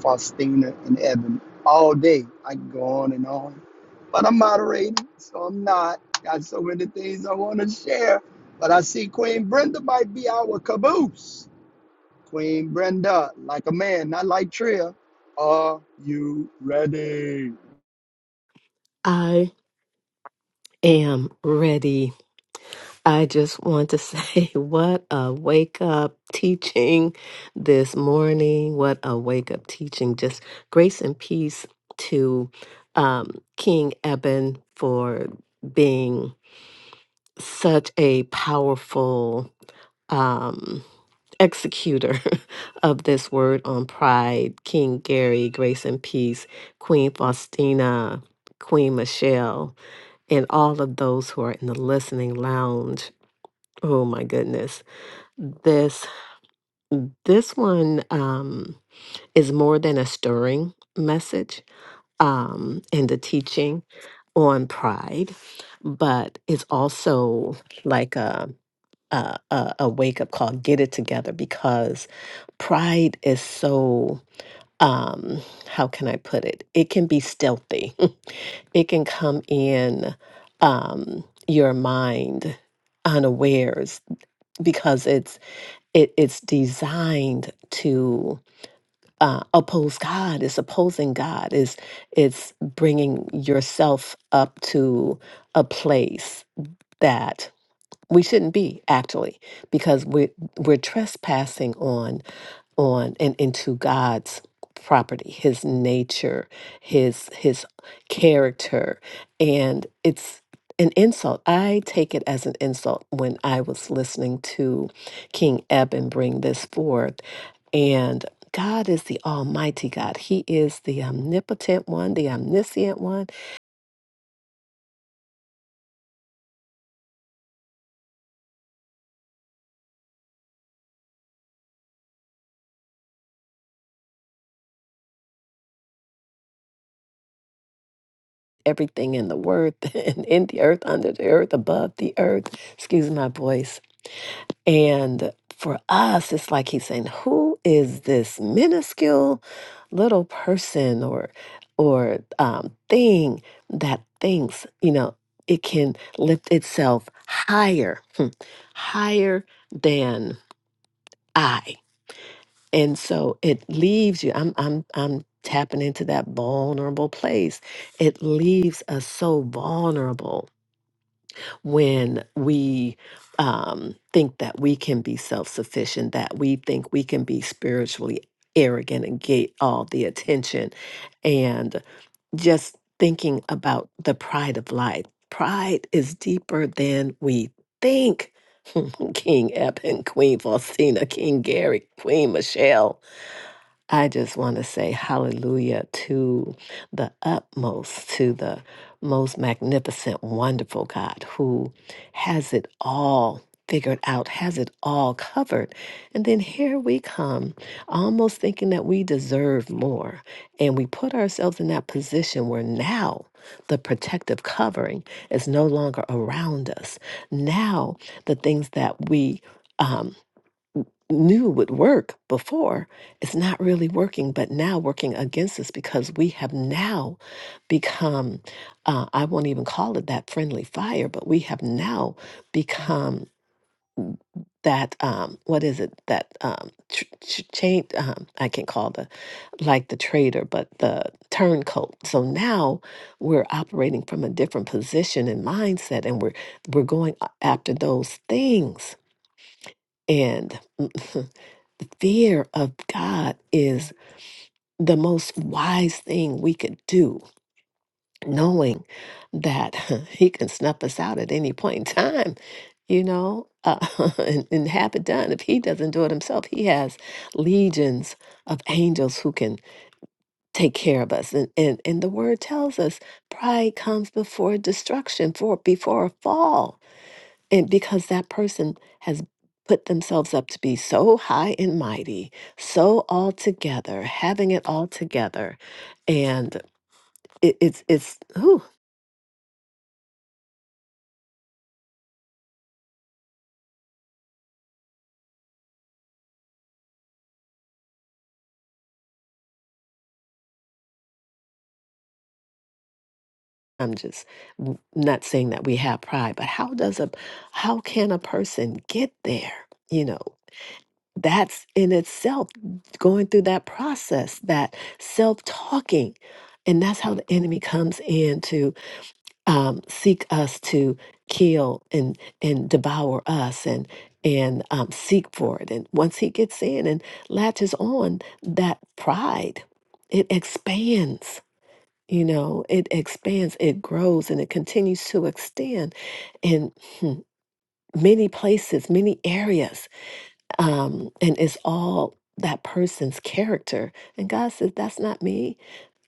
[SPEAKER 4] Faustina and Evan all day. I can go on and on. But I'm moderating, so I'm not. Got so many things I want to share. But I see Queen Brenda might be our caboose. Queen Brenda, like a man, not like Tria. Are you ready?
[SPEAKER 6] I am ready. I just want to say what a wake up teaching this morning. What a wake up teaching. Just grace and peace to um, King Eben for being such a powerful um, executor of this word on pride. King Gary, grace and peace. Queen Faustina, Queen Michelle. and all of those who are in the listening lounge. Oh my goodness. This this one um is more than a stirring message um in the teaching on pride, but it's also like a a, a, a wake up call, get it together because pride is so um how can I put it? It can be stealthy it can come in um, your mind unawares because it's it, it's designed to uh, oppose God. It's opposing God. It's it's bringing yourself up to a place that we shouldn't be actually because we're we're trespassing on on and into God's property, his nature, his his character, and it's an insult. I take it as an insult when I was listening to King Eben bring this forth and God is the Almighty God. He is the omnipotent one, the omniscient one. Everything in the word and in the earth, under the earth, above the earth. Excuse my voice And for us, it's like he's saying, "Who is this minuscule little person or or um, thing that thinks you know it can lift itself higher, higher than I?" And so it leaves you. I'm I'm I'm tapping into that vulnerable place. It leaves us so vulnerable when we um, think that we can be self sufficient, that we think we can be spiritually arrogant and get all the attention, and just thinking about the pride of life. Pride is deeper than we think. King Ebb and Queen Faustina, King Gary, Queen Michelle, I just want to say hallelujah to the utmost, to the most magnificent, wonderful God who has it all figured out, has it all covered. And then here we come, almost thinking that we deserve more. And we put ourselves in that position where now the protective covering is no longer around us. Now the things that we um, knew would work before it's not really working but now working against us because we have now become uh, i won't even call it that friendly fire but we have now become that um what is it that um tr- tr- chain um i can call the like the traitor but the turncoat so now we're operating from a different position and mindset and we're we're going a- after those things and The fear of God is the most wise thing we could do, knowing that He can snuff us out at any point in time, you know, uh, and, and have it done. If He doesn't do it Himself, He has legions of angels who can take care of us. And, and, and the Word tells us pride comes before destruction, for before a fall. And because that person has put themselves up to be so high and mighty, so all together, having it all together. And it, it's, it's, ooh, I'm just n- not saying that we have pride, but how does a, how can a person get there? You know, that's in itself going through that process, that self talking. And that's how the enemy comes in to um, seek us to kill and, and devour us and, and um, seek for it. And once he gets in and latches on that pride, it expands. You know, it expands, it grows, and it continues to extend in hmm, many places, many areas um, and it's all that person's character. And God says, That's not me.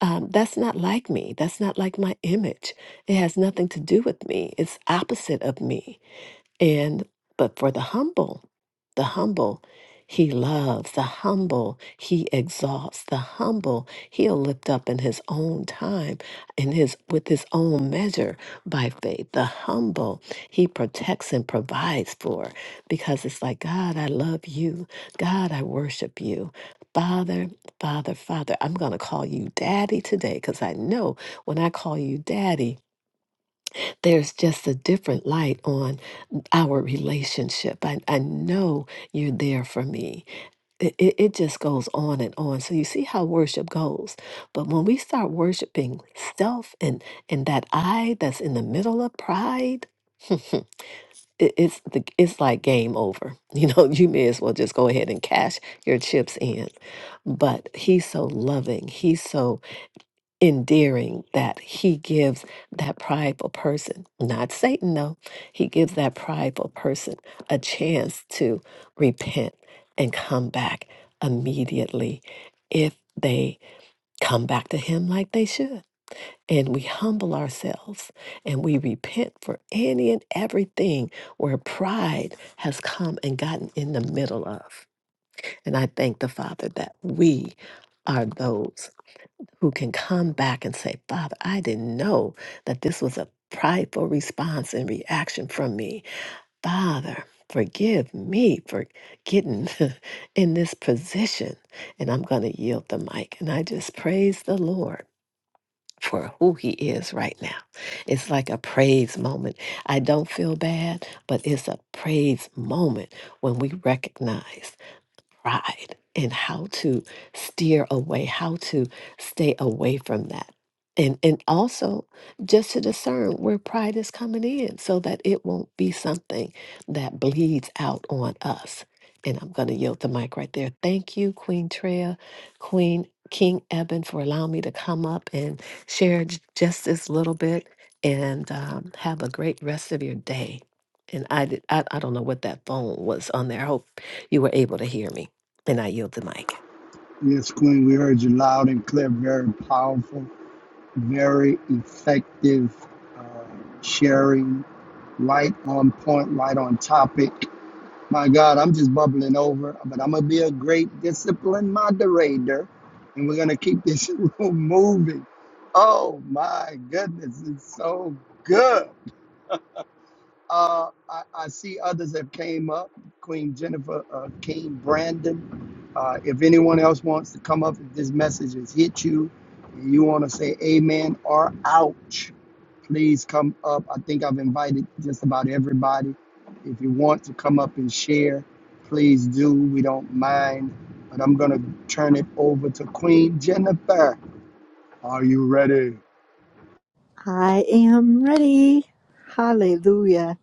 [SPEAKER 6] Um, that's not like me. That's not like my image. It has nothing to do with me. It's opposite of me. And but for the humble, the humble, he loves, the humble, he exalts, the humble, he'll lift up in his own time, in his with his own measure by faith. The humble, he protects and provides for because it's like, God, I love you. God, I worship you. Father, Father, Father, I'm going to call you Daddy today because I know when I call you Daddy, there's just a different light on our relationship. I, I know you're there for me. It, it, it just goes on and on. So you see how worship goes. But when we start worshiping self and, and that I that's in the middle of pride, it, it's, the, it's like game over. You know, you may as well just go ahead and cash your chips in. But he's so loving. He's so endearing that he gives that prideful person, not Satan though, he gives that prideful person a chance to repent and come back immediately if they come back to him like they should. And we humble ourselves and we repent for any and everything where pride has come and gotten in the middle of. And I thank the Father that we are those who can come back and say, Father, I didn't know that this was a prideful response and reaction from me. Father, forgive me for getting in this position. And I'm going to yield the mic. And I just praise the Lord for who he is right now. It's like a praise moment. I don't feel bad, but it's a praise moment when we recognize pride and how to steer away, how to stay away from that. And, and also just to discern where pride is coming in so that it won't be something that bleeds out on us. And I'm going to yield the mic right there. Thank you, Queen Treya, Queen King Eben, for allowing me to come up and share j- just this little bit. And um, have a great rest of your day. And I, did, I I don't know what that phone was on there. I hope you were able to hear me. And I yield the mic.
[SPEAKER 4] Yes, Queen, we heard you loud and clear, very powerful, very effective uh, sharing, right on point, right on topic. My God, I'm just bubbling over, but I'm going to be a great disciplined moderator, and we're going to keep this room moving. Oh, my goodness, it's so good. Uh, I, I see others have came up. Queen Jennifer, uh, King Brandon. Uh, if anyone else wants to come up, if this message has hit you, and you want to say amen or ouch, please come up. I think I've invited just about everybody. If you want to come up and share, please do. We don't mind. But I'm going to turn it over to Queen Jennifer. Are you ready?
[SPEAKER 7] I am ready. Hallelujah.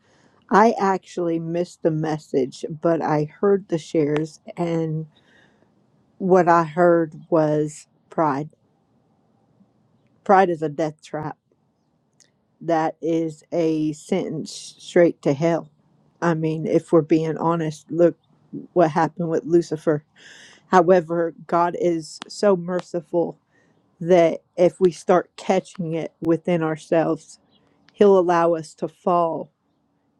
[SPEAKER 7] I actually missed the message, but I heard the shares, and what I heard was pride. Pride is a death trap. That is a sentence straight to hell. I mean, if we're being honest, look what happened with Lucifer. However, God is so merciful that if we start catching it within ourselves, He'll allow us to fall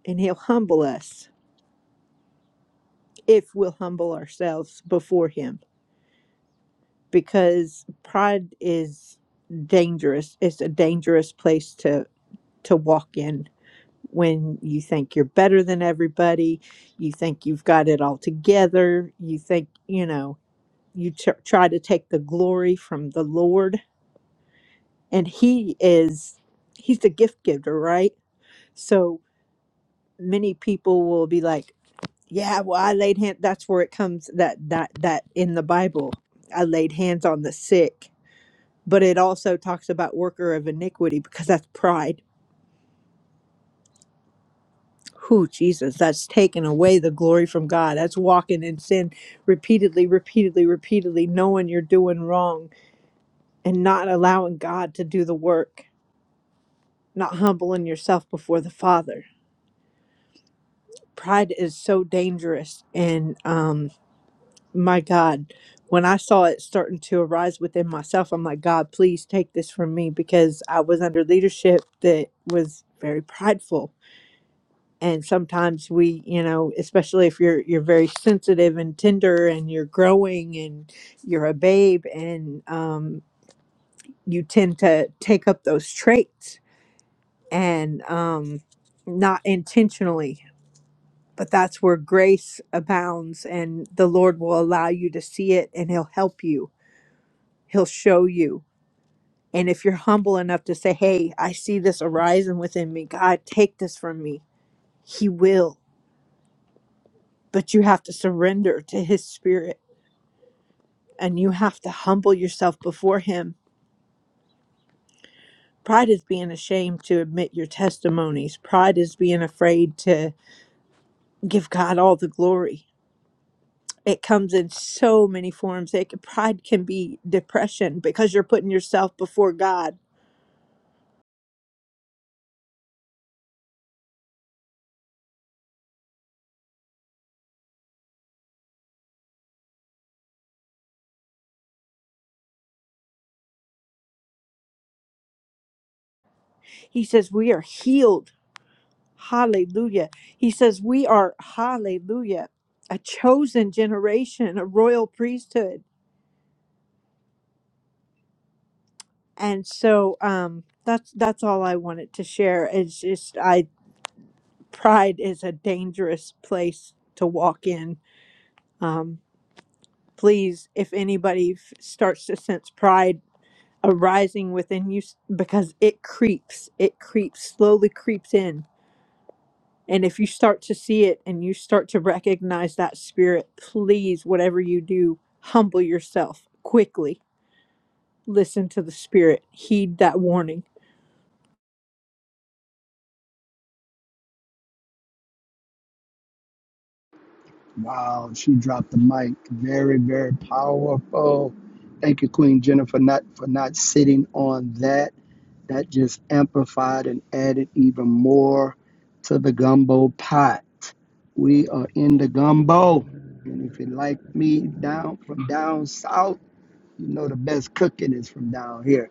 [SPEAKER 7] and He'll humble us if we'll humble ourselves before him because pride is dangerous it's a dangerous place to to walk in when you think you're better than everybody you think you've got it all together you think you know you tr try to take the glory from the lord and he is he's the gift giver right so many people will be like Yeah, well, I laid hand. That's where it comes that that that in the Bible, I laid hands on the sick. But it also talks about worker of iniquity because that's pride. Who Jesus? That's taking away the glory from God. That's walking in sin repeatedly, repeatedly, repeatedly, knowing you're doing wrong and not allowing God to do the work, not humbling yourself before the Father. Pride is so dangerous, and um, my God, when I saw it starting to arise within myself, I'm like, God, please take this from me because I was under leadership that was very prideful. And sometimes we, you know, especially if you're you're very sensitive and tender and you're growing and you're a babe and um you tend to take up those traits and um not intentionally but that's where grace abounds and the lord will allow you to see it and he'll help you He'll show you. And if you're humble enough to say, Hey, I see this arising within me, God, take this from me, He will. But you have to surrender to His Spirit and you have to humble yourself before Him. Pride is being ashamed to admit your testimonies, pride is being afraid to give God all the glory. It comes in so many forms. It, pride can be depression because you're putting yourself before God. He says, We are healed Hallelujah. He says, We are, hallelujah, a chosen generation, a royal priesthood. And so um, that's that's all I wanted to share. It's just I pride is a dangerous place to walk in. Um, please, if anybody f- starts to sense pride arising within you, s- because it creeps, it creeps slowly creeps in And if you start to see it and you start to recognize that spirit, please, whatever you do, humble yourself quickly. Listen to the spirit, heed that warning.
[SPEAKER 4] Wow, she dropped the mic. Very, very powerful. Thank you, Queen Jennifer, not for not sitting on that. That just amplified and added even more to the gumbo pot. We are in the gumbo. And if you like me down from down south, you know the best cooking is from down here.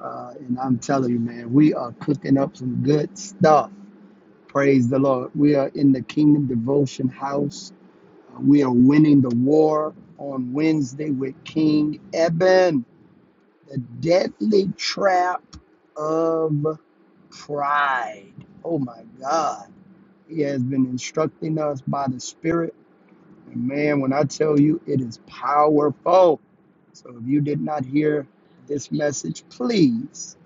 [SPEAKER 4] Uh, and I'm telling you, man, we are cooking up some good stuff. Praise the Lord. We are in the Kingdom Devotion House we are winning the war on Wednesday with King Eben, the deadly trap of pride. Oh my God. He has been instructing us by the Spirit. And man, when I tell you, it is powerful. So if you did not hear this message, please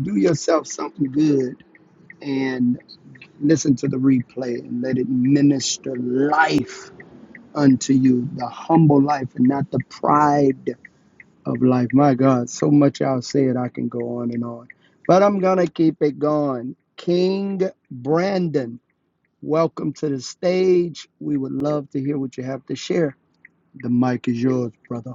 [SPEAKER 4] do yourself something good and listen to the replay and let it minister life unto you the humble life and not the pride of life. My God, so much I'll say it, I can go on and on. But I'm going to keep it going. King Brandon, welcome to the stage. We would love to hear what you have to share. The mic is yours, brother.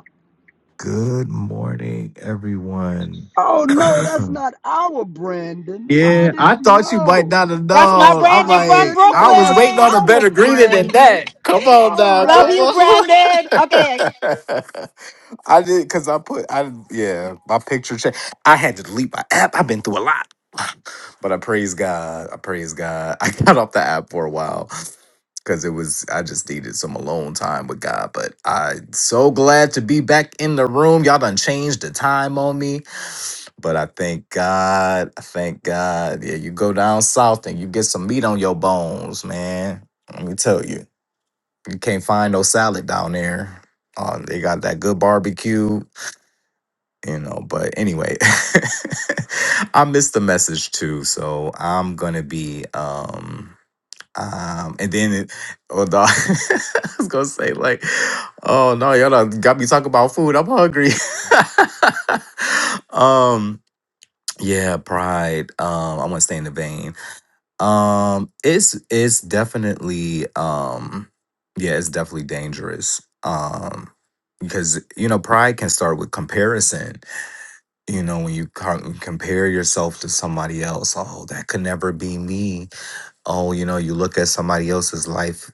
[SPEAKER 8] Good morning, everyone.
[SPEAKER 4] Oh, no, that's not our Brandon. I
[SPEAKER 8] Yeah, I
[SPEAKER 4] didn't
[SPEAKER 8] thought you might
[SPEAKER 4] know.
[SPEAKER 8] not have
[SPEAKER 2] That's my
[SPEAKER 8] known. I'm
[SPEAKER 4] I
[SPEAKER 2] Brandon from
[SPEAKER 8] like,
[SPEAKER 4] didn't
[SPEAKER 8] I
[SPEAKER 4] know
[SPEAKER 8] was
[SPEAKER 4] that's
[SPEAKER 8] waiting
[SPEAKER 2] Brooklyn.
[SPEAKER 8] on a
[SPEAKER 4] our
[SPEAKER 8] better greeting than that.
[SPEAKER 4] Brandon.
[SPEAKER 8] Come on,
[SPEAKER 4] All
[SPEAKER 8] dog. Come
[SPEAKER 2] Love
[SPEAKER 4] right.
[SPEAKER 2] you,
[SPEAKER 8] on.
[SPEAKER 2] Brandon. Okay,
[SPEAKER 8] I did because I put I yeah my picture check. I had to delete my app. I've been through a lot, but I praise God. I praise God. I got off the app for a while because it was I just needed some alone time with God. But I am so glad to be back in the room. Y'all done changed the time on me. But I thank God, I thank God. Yeah, you go down south and you get some meat on your bones, man. Let me tell you, you can't find no salad down there. Uh, they got that good barbecue, you know. But anyway, I missed the message too, so I'm gonna be. um um, and then, it, oh, no, I was gonna say like, oh no, y'all done got me talking about food. I'm hungry. um, yeah, pride. Um, I want to stay in the vein. Um, it's it's definitely um, yeah, it's definitely dangerous. Um, because you know, pride can start with comparison. You know, when you co- compare yourself to somebody else, oh, that could never be me. Oh, you know, you look at somebody else's life.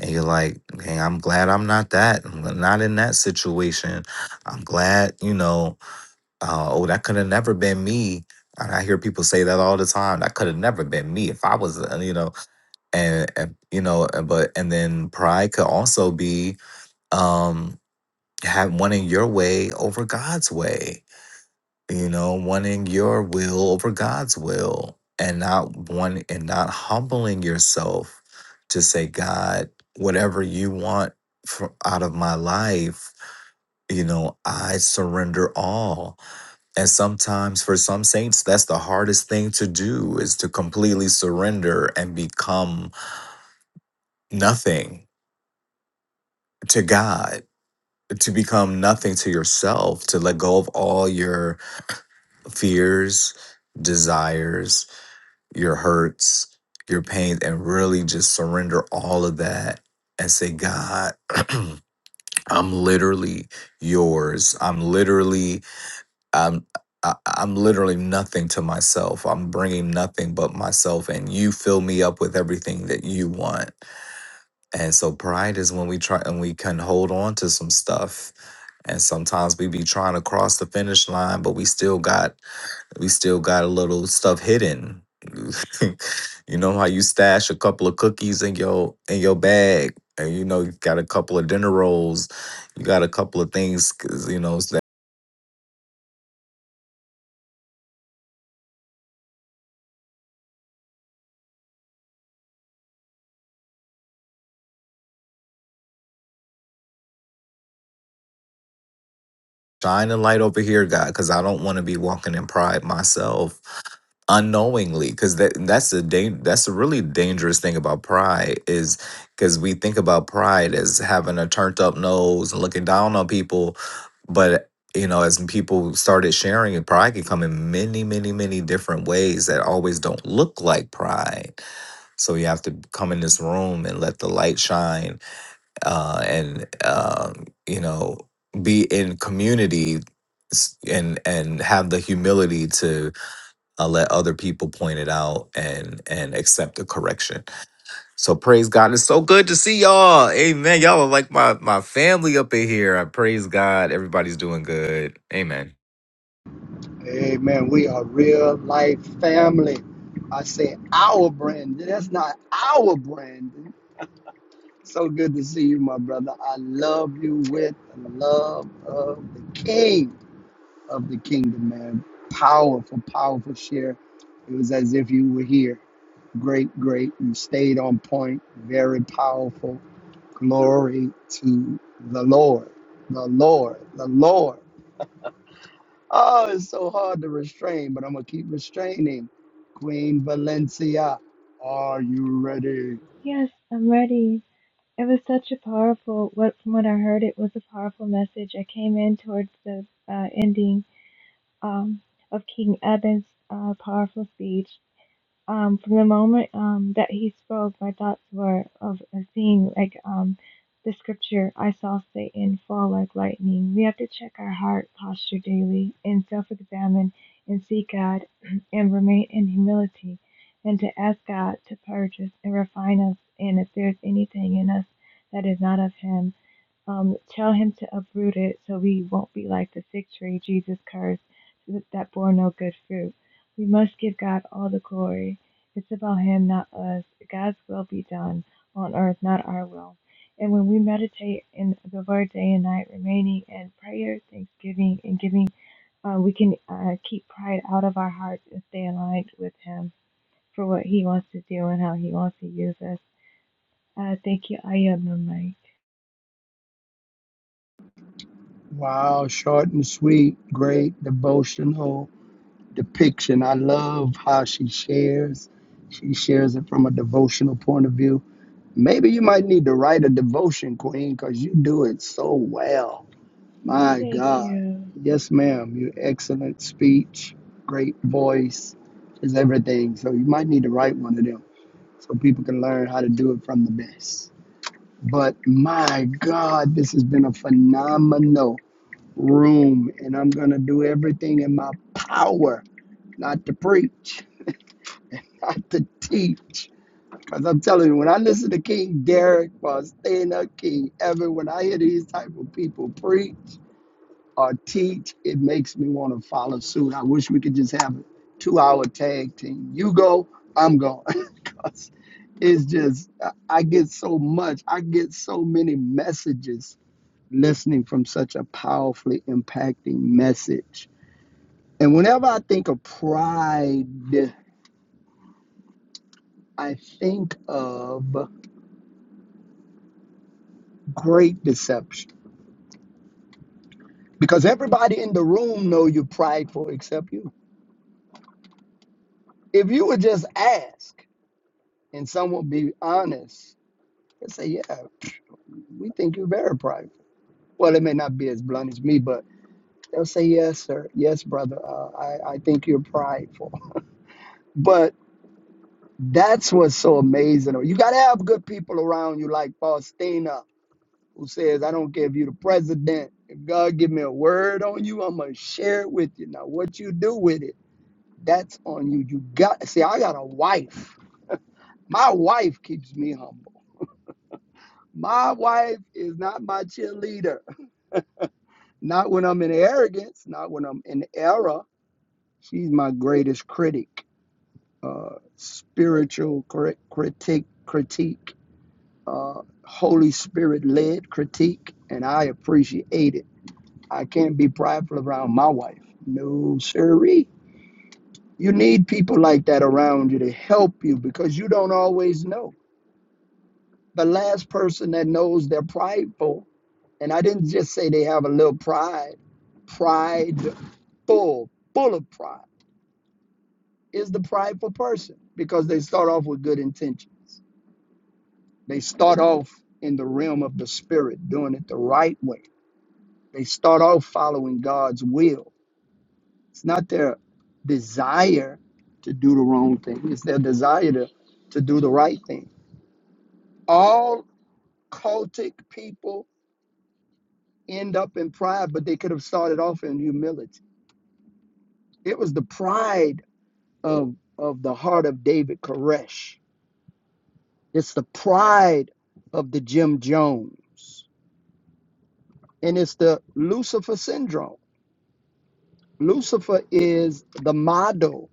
[SPEAKER 8] And you're like, hey, I'm glad I'm not that. I'm not in that situation. I'm glad, you know, uh, oh, that could have never been me. And I hear people say that all the time. That could have never been me if I was, uh, you know, and, and you know, and, but and then pride could also be um have wanting your way over God's way. You know, wanting your will over God's will, and not one and not humbling yourself to say, God, whatever you want for, out of my life, you know, I surrender all and sometimes for some saints, that's the hardest thing to do is to completely surrender and become nothing to God, to become nothing to yourself, to let go of all your fears, desires, your hurts, your pains, and really just surrender all of that and say, God, I'm literally yours. I'm literally I'm I, I'm literally nothing to myself. I'm bringing nothing but myself, and you fill me up with everything that you want. And so pride is when we try and we can hold on to some stuff. And sometimes we be trying to cross the finish line, but we still got we still got a little stuff hidden. you know how you stash a couple of cookies in your in your bag, and you know you got a couple of dinner rolls, you got a couple of things, 'cause, you know shine a light over here god because i don't want to be walking in pride myself unknowingly because that that's a dan- that's a really dangerous thing about pride is because we think about pride as having a turned up nose and looking down on people but you know as people started sharing it pride can come in many many many different ways that always don't look like pride so you have to come in this room and let the light shine uh, and um, you know be in community s- and and have the humility to uh, let other people point it out and and accept the correction so praise god it's so good to see y'all amen y'all are like my my family up in here i praise god everybody's doing good amen
[SPEAKER 4] Amen. We are real life family. I say our Brandon. That's not our Brandon. So good to see you, my brother. I love you with the love of the King of the Kingdom, man. Powerful, powerful share. It was as if you were here. Great, great. You stayed on point. Very powerful. Glory to the Lord. The Lord. The Lord. Oh, it's so hard to restrain, but I'm gonna keep restraining. Queen Valencia, are you ready?
[SPEAKER 9] Yes, I'm ready. It was such a powerful. What from what I heard, it was a powerful message. I came in towards the uh, ending um, of King Eben's uh, powerful speech, um, from the moment um, that he spoke, my thoughts were of a thing like um, the scripture, I saw Satan fall like lightning. We have to check our heart posture daily and self examine and seek God and remain in humility and to ask God to purge us and refine us and if there's anything in us that is not of Him um, tell him to uproot it so we won't be like the fig tree Jesus cursed that bore no good fruit. We must give God all the glory. It's about him, not us. God's will be done on earth, not our will. And when we meditate in the word day and night, remaining in prayer, thanksgiving, and giving, uh, we can uh, keep pride out of our hearts and stay aligned with him for what he wants to do and how he wants to use us. Uh, thank you. I am the mic.
[SPEAKER 4] Wow, short and sweet, great devotional depiction. I love how she shares. She shares it from a devotional point of view. Maybe you might need to write a devotion, Queen, because you do it so well. My
[SPEAKER 9] Thank
[SPEAKER 4] God.
[SPEAKER 9] you.
[SPEAKER 4] Yes, ma'am. Your excellent speech, great voice is everything. So you might need to write one of them. so people can learn how to do it from the best. But my God, this has been a phenomenal room, and I'm going to do everything in my power not to preach, not to teach. Because I'm telling you, when I listen to King Derek or staying up King Evan, when I hear these type of people preach or teach, it makes me want to follow suit. I wish we could just have a two-hour tag team. You go, I'm going. us it's just I I get so much, I get so many messages listening from such a powerfully impacting message. And whenever I think of pride, I think of great deception because everybody in the room know you're prideful except you. If you would just ask and someone be honest, they say, "Yeah, we think you're very prideful." Well, it may not be as blunt as me, but They'll say, Yes, sir. Yes, brother. Uh, I, I think you're prideful. But that's what's so amazing. You got to have good people around you, like Faustina, who says, I don't care if you're the president. If God give me a word on you, I'm going to share it with you. Now, what you do with it, that's on you. You got, see, I got a wife. My wife keeps me humble. My wife is not my cheerleader. Not when I'm in arrogance, not when I'm in error. She's my greatest critic uh, spiritual cri- critique, critique, uh, Holy Spirit led critique, and I appreciate it. I can't be prideful around my wife. No, sirree. You need people like that around you to help you because you don't always know. The last person that knows they're prideful, and I didn't just say they have a little pride, prideful, full of pride, is the prideful person because they start off with good intentions. They start off in the realm of the spirit, doing it the right way. They start off following God's will. It's not their desire to do the wrong thing, it's their desire to, to do the right thing. All cultic people end up in pride, but they could have started off in humility. It was the pride of, of the heart of David Koresh, it's the pride of the Jim Jones, and it's the Lucifer syndrome Lucifer is the model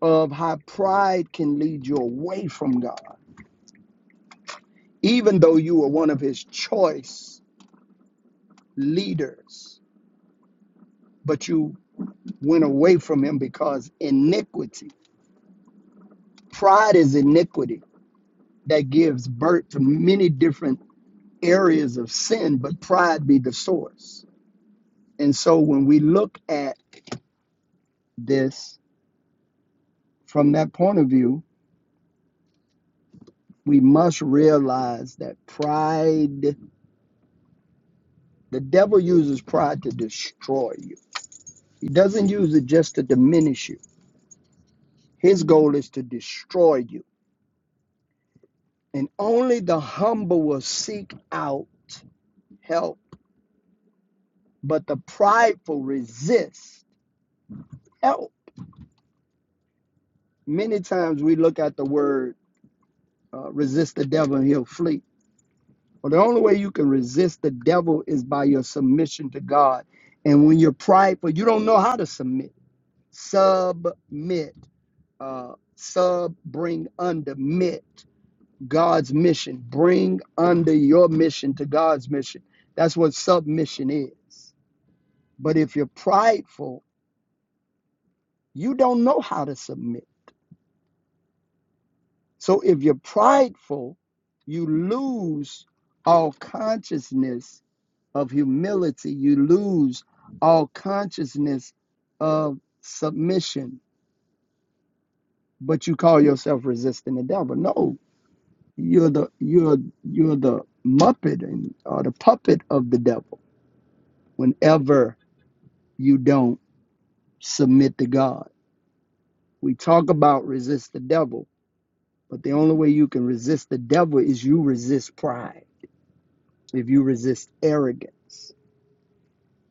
[SPEAKER 4] of how pride can lead you away from God, even though you were one of his choice leaders, but you went away from him because iniquity. Pride is iniquity that gives birth to many different areas of sin, but pride be the source. And so when we look at this from that point of view, we must realize that pride The devil uses pride to destroy you. He doesn't use it just to diminish you. His goal is to destroy you. And only the humble will seek out help, but the prideful resist help. Many times we look at the word uh, resist the devil and he'll flee. Well, the only way you can resist the devil is by your submission to God. And when you're prideful, you don't know how to submit. Submit. Uh, sub, bring under, mit. God's mission. Bring under your mission to God's mission. That's what submission is. But if you're prideful, you don't know how to submit. So if you're prideful, you lose all consciousness of humility, you lose all consciousness of submission, but you call yourself resisting the devil. No, you're the you're you're the muppet and or the puppet of the devil whenever you don't submit to God. We talk about resist the devil, but the only way you can resist the devil is you resist pride, if you resist arrogance.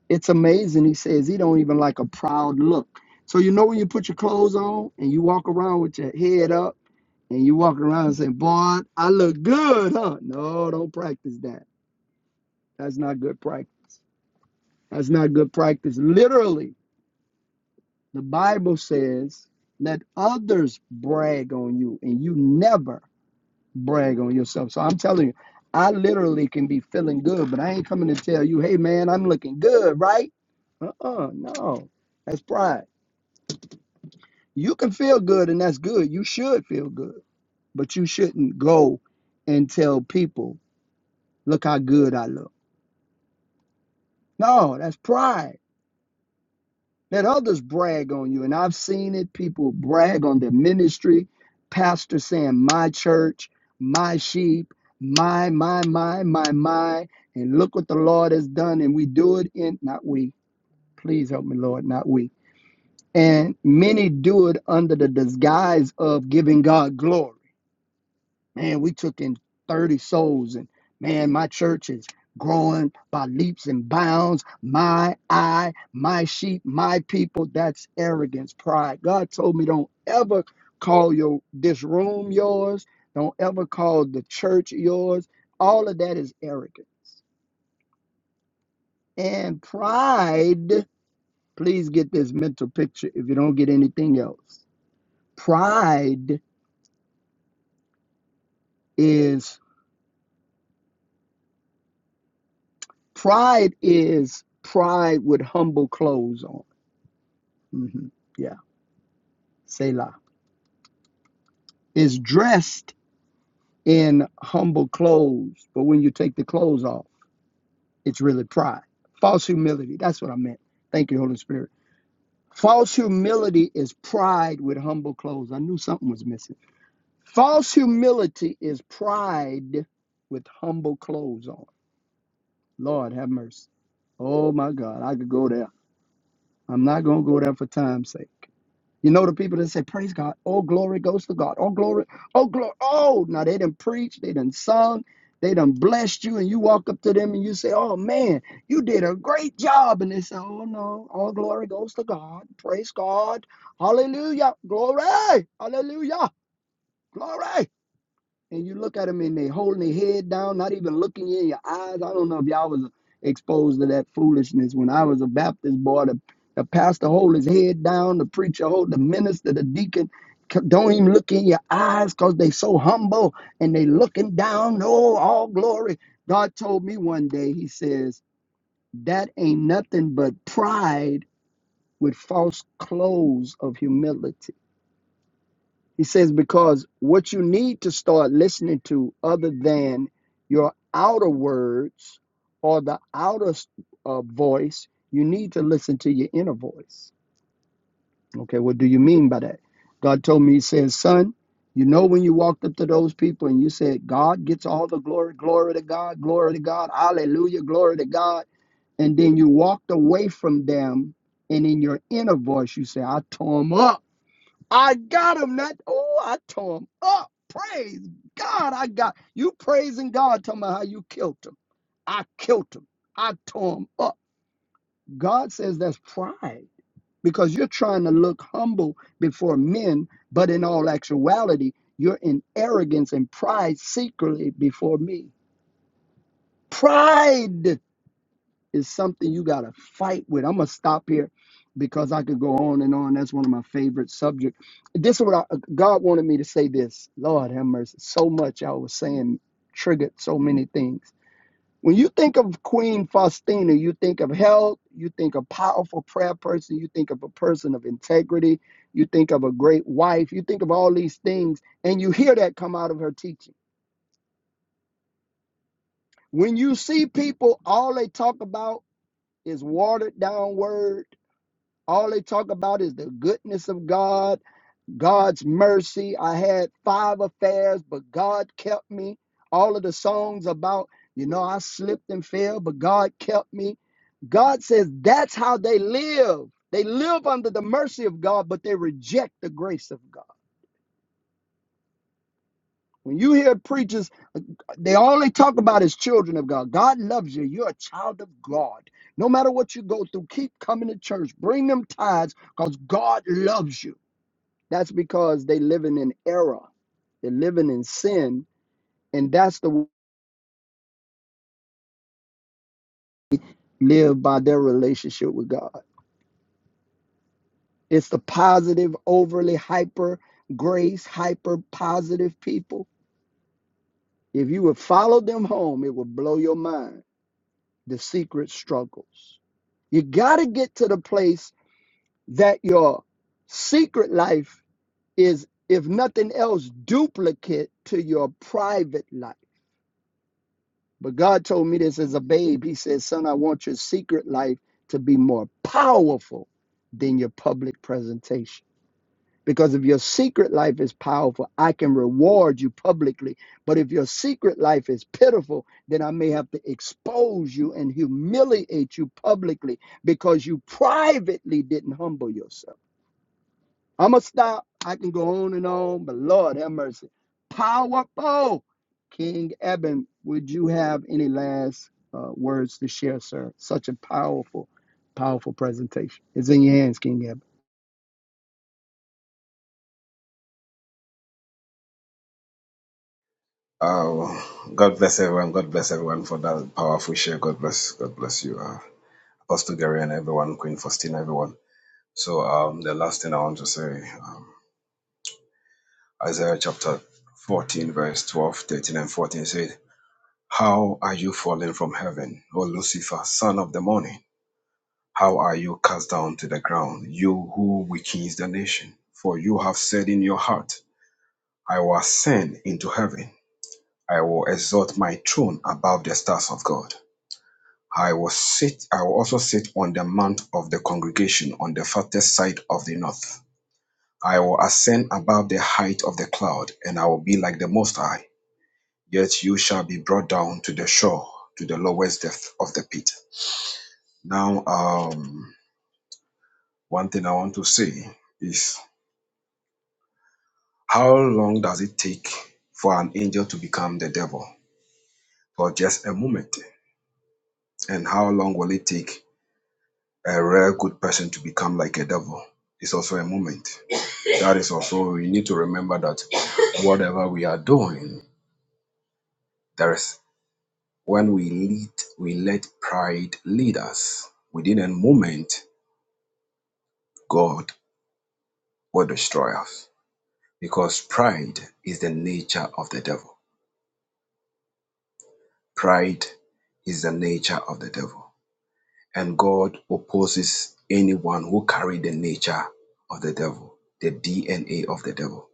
[SPEAKER 4] It's amazing. He says he don't even like a proud look. So you know when you put your clothes on and you walk around with your head up and you walk around and say, Boy, I look good, huh? No, don't practice that. That's not good practice. That's not good practice. Literally, The Bible says, let others brag on you, and you never brag on yourself. So I'm telling you, I literally can be feeling good, but I ain't coming to tell you, hey man, I'm looking good, right? Uh uh no. That's pride. You can feel good, and that's good. You should feel good, but you shouldn't go and tell people, look how good I look. No, that's pride. Let others brag on you. And I've seen it, people brag on their ministry, pastor saying, my church, my sheep, my, my, my, my, my. And look what the Lord has done. And we do it in, not we. Please help me, Lord, not we. And many do it under the disguise of giving God glory man, we took in 30 souls, and man, my church is growing by leaps and bounds. My eye, my sheep, my people. That's arrogance, pride. God told me, don't ever call your this room yours. Don't ever call the church yours. All of that is arrogance and pride. Please get this mental picture if you don't get anything else. Pride is pride is pride with humble clothes on hmm Yeah, Selah is dressed in humble clothes, but when you take the clothes off, it's really pride. False humility. That's what I meant. Thank you, Holy Spirit. False humility is pride with humble clothes. I knew something was missing. False humility is pride with humble clothes on. Lord, have mercy. Oh my God, I could go there. I'm not going to go there for time's sake. You know the people that say, Praise God, all glory goes to God. All glory, oh glory, oh now they done preached, they done sung, they done blessed you, and you walk up to them and you say, Oh man, you did a great job. And they say, Oh no, all glory goes to God. Praise God. Hallelujah. Glory. Hallelujah. Glory and you look at them and they holding their head down, not even looking you in your eyes. I don't know if y'all was exposed to that foolishness when I was a Baptist boy. The, the pastor hold his head down, the preacher hold the minister, the deacon c- don't even look in your eyes because they so humble and they looking down. Oh, all glory. God told me one day, he says, that ain't nothing but pride with false clothes of humility. He says, because what you need to start listening to, other than your outer words or the outer uh, voice, you need to listen to your inner voice. Okay, what do you mean by that? God told me, He says, son, you know, when you walked up to those people and you said, God gets all the glory, glory to God, glory to God, hallelujah, glory to God. And then you walked away from them, and in your inner voice, you say, I tore them up. I got him that. Oh, I tore him up. Praise God. I got you praising God, talking about how you killed him. I killed him. I tore him up. God says that's pride because you're trying to look humble before men, but in all actuality, you're in arrogance and pride secretly before me. Pride. is something you got to fight with. I'm going to stop here because I could go on and on. That's one of my favorite subjects. This is what I, God wanted me to say this. Lord have mercy. So much I was saying triggered so many things. When you think of Queen Faustina, you think of health, you think of powerful prayer person, you think of a person of integrity, you think of a great wife, you think of all these things, and you hear that come out of her teaching. When you see people, all they talk about is watered down word All they talk about is the goodness of God, God's mercy. I had five affairs, but God kept me. All of the songs about, you know, I slipped and fell, but God kept me. God says that's how they live. They live under the mercy of God, but they reject the grace of God. When you hear preachers, they all they talk about is children of God. God loves you. You're a child of God. No matter what you go through, keep coming to church. Bring them tithes because God loves you. That's because they living in error. They're living in sin, and that's the way they live by their relationship with God. It's the positive, overly hyper grace, hyper positive people. If you would follow them home, it would blow your mind. The secret struggles. You got to get to the place that your secret life is, if nothing else, duplicate to your private life But God told me this as a babe. He said, Son, I want your secret life to be more powerful than your public presentation. Because if your secret life is powerful, I can reward you publicly. But if your secret life is pitiful, then I may have to expose you and humiliate you publicly because you privately didn't humble yourself. I'm gonna stop. I can go on and on, but Lord have mercy. Powerful. King Eben, would you have any last uh, words to share, sir? Such a powerful, powerful presentation. It's in your hands, King Eben.
[SPEAKER 3] Oh, God bless everyone. God bless everyone for that powerful share. God bless. God bless you, uh, Apostle Gary and everyone, Queen Faustina, everyone. So um, the last thing I want to say, um, Isaiah chapter 14, verse 12, 13, and 14 said, How are you fallen from heaven, O Lucifer, son of the morning? How are you cast down to the ground, you who weakens the nation? For you have said in your heart, I will ascend into heaven. I will exalt my throne above the stars of God. I will sit, I will also sit on the mount of the congregation on the farthest side of the north. I will ascend above the height of the cloud, and I will be like the Most High. Yet you shall be brought down to the shore, to the lowest depth of the pit. Now, um, one thing I want to say is how long does it take for an angel to become the devil? For just a moment. And how long will it take a rare good person to become like a devil? It's also a moment. That is also, we need to remember that whatever we are doing, there is. When we lead, we let pride lead us. Within a moment, God will destroy us because pride is the nature of the devil. Pride is the nature of the devil. And God opposes anyone who carry the nature of the devil, the DNA of the devil.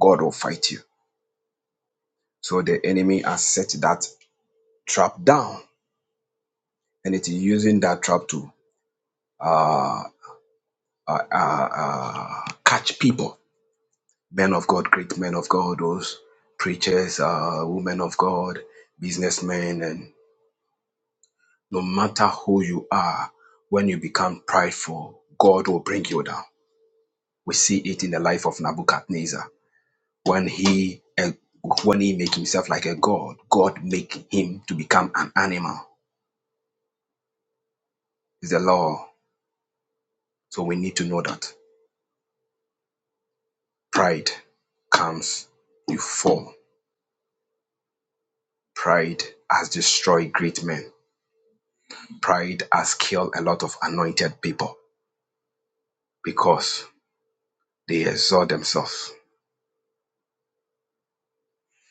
[SPEAKER 3] God will fight you. So the enemy has set that trap down and it is using that trap to uh, uh, uh, uh, catch people men of God, great men of God, those preachers, uh, women of God, businessmen, and no matter who you are, when you become prideful, God will bring you down. We see it in the life of Nebuchadnezzar. When he eh, when he make himself like a god, God make him to become an animal. It's the law. So we need to know that pride comes, you fall. Pride has destroyed great men. Pride has killed a lot of anointed people because they exalt themselves.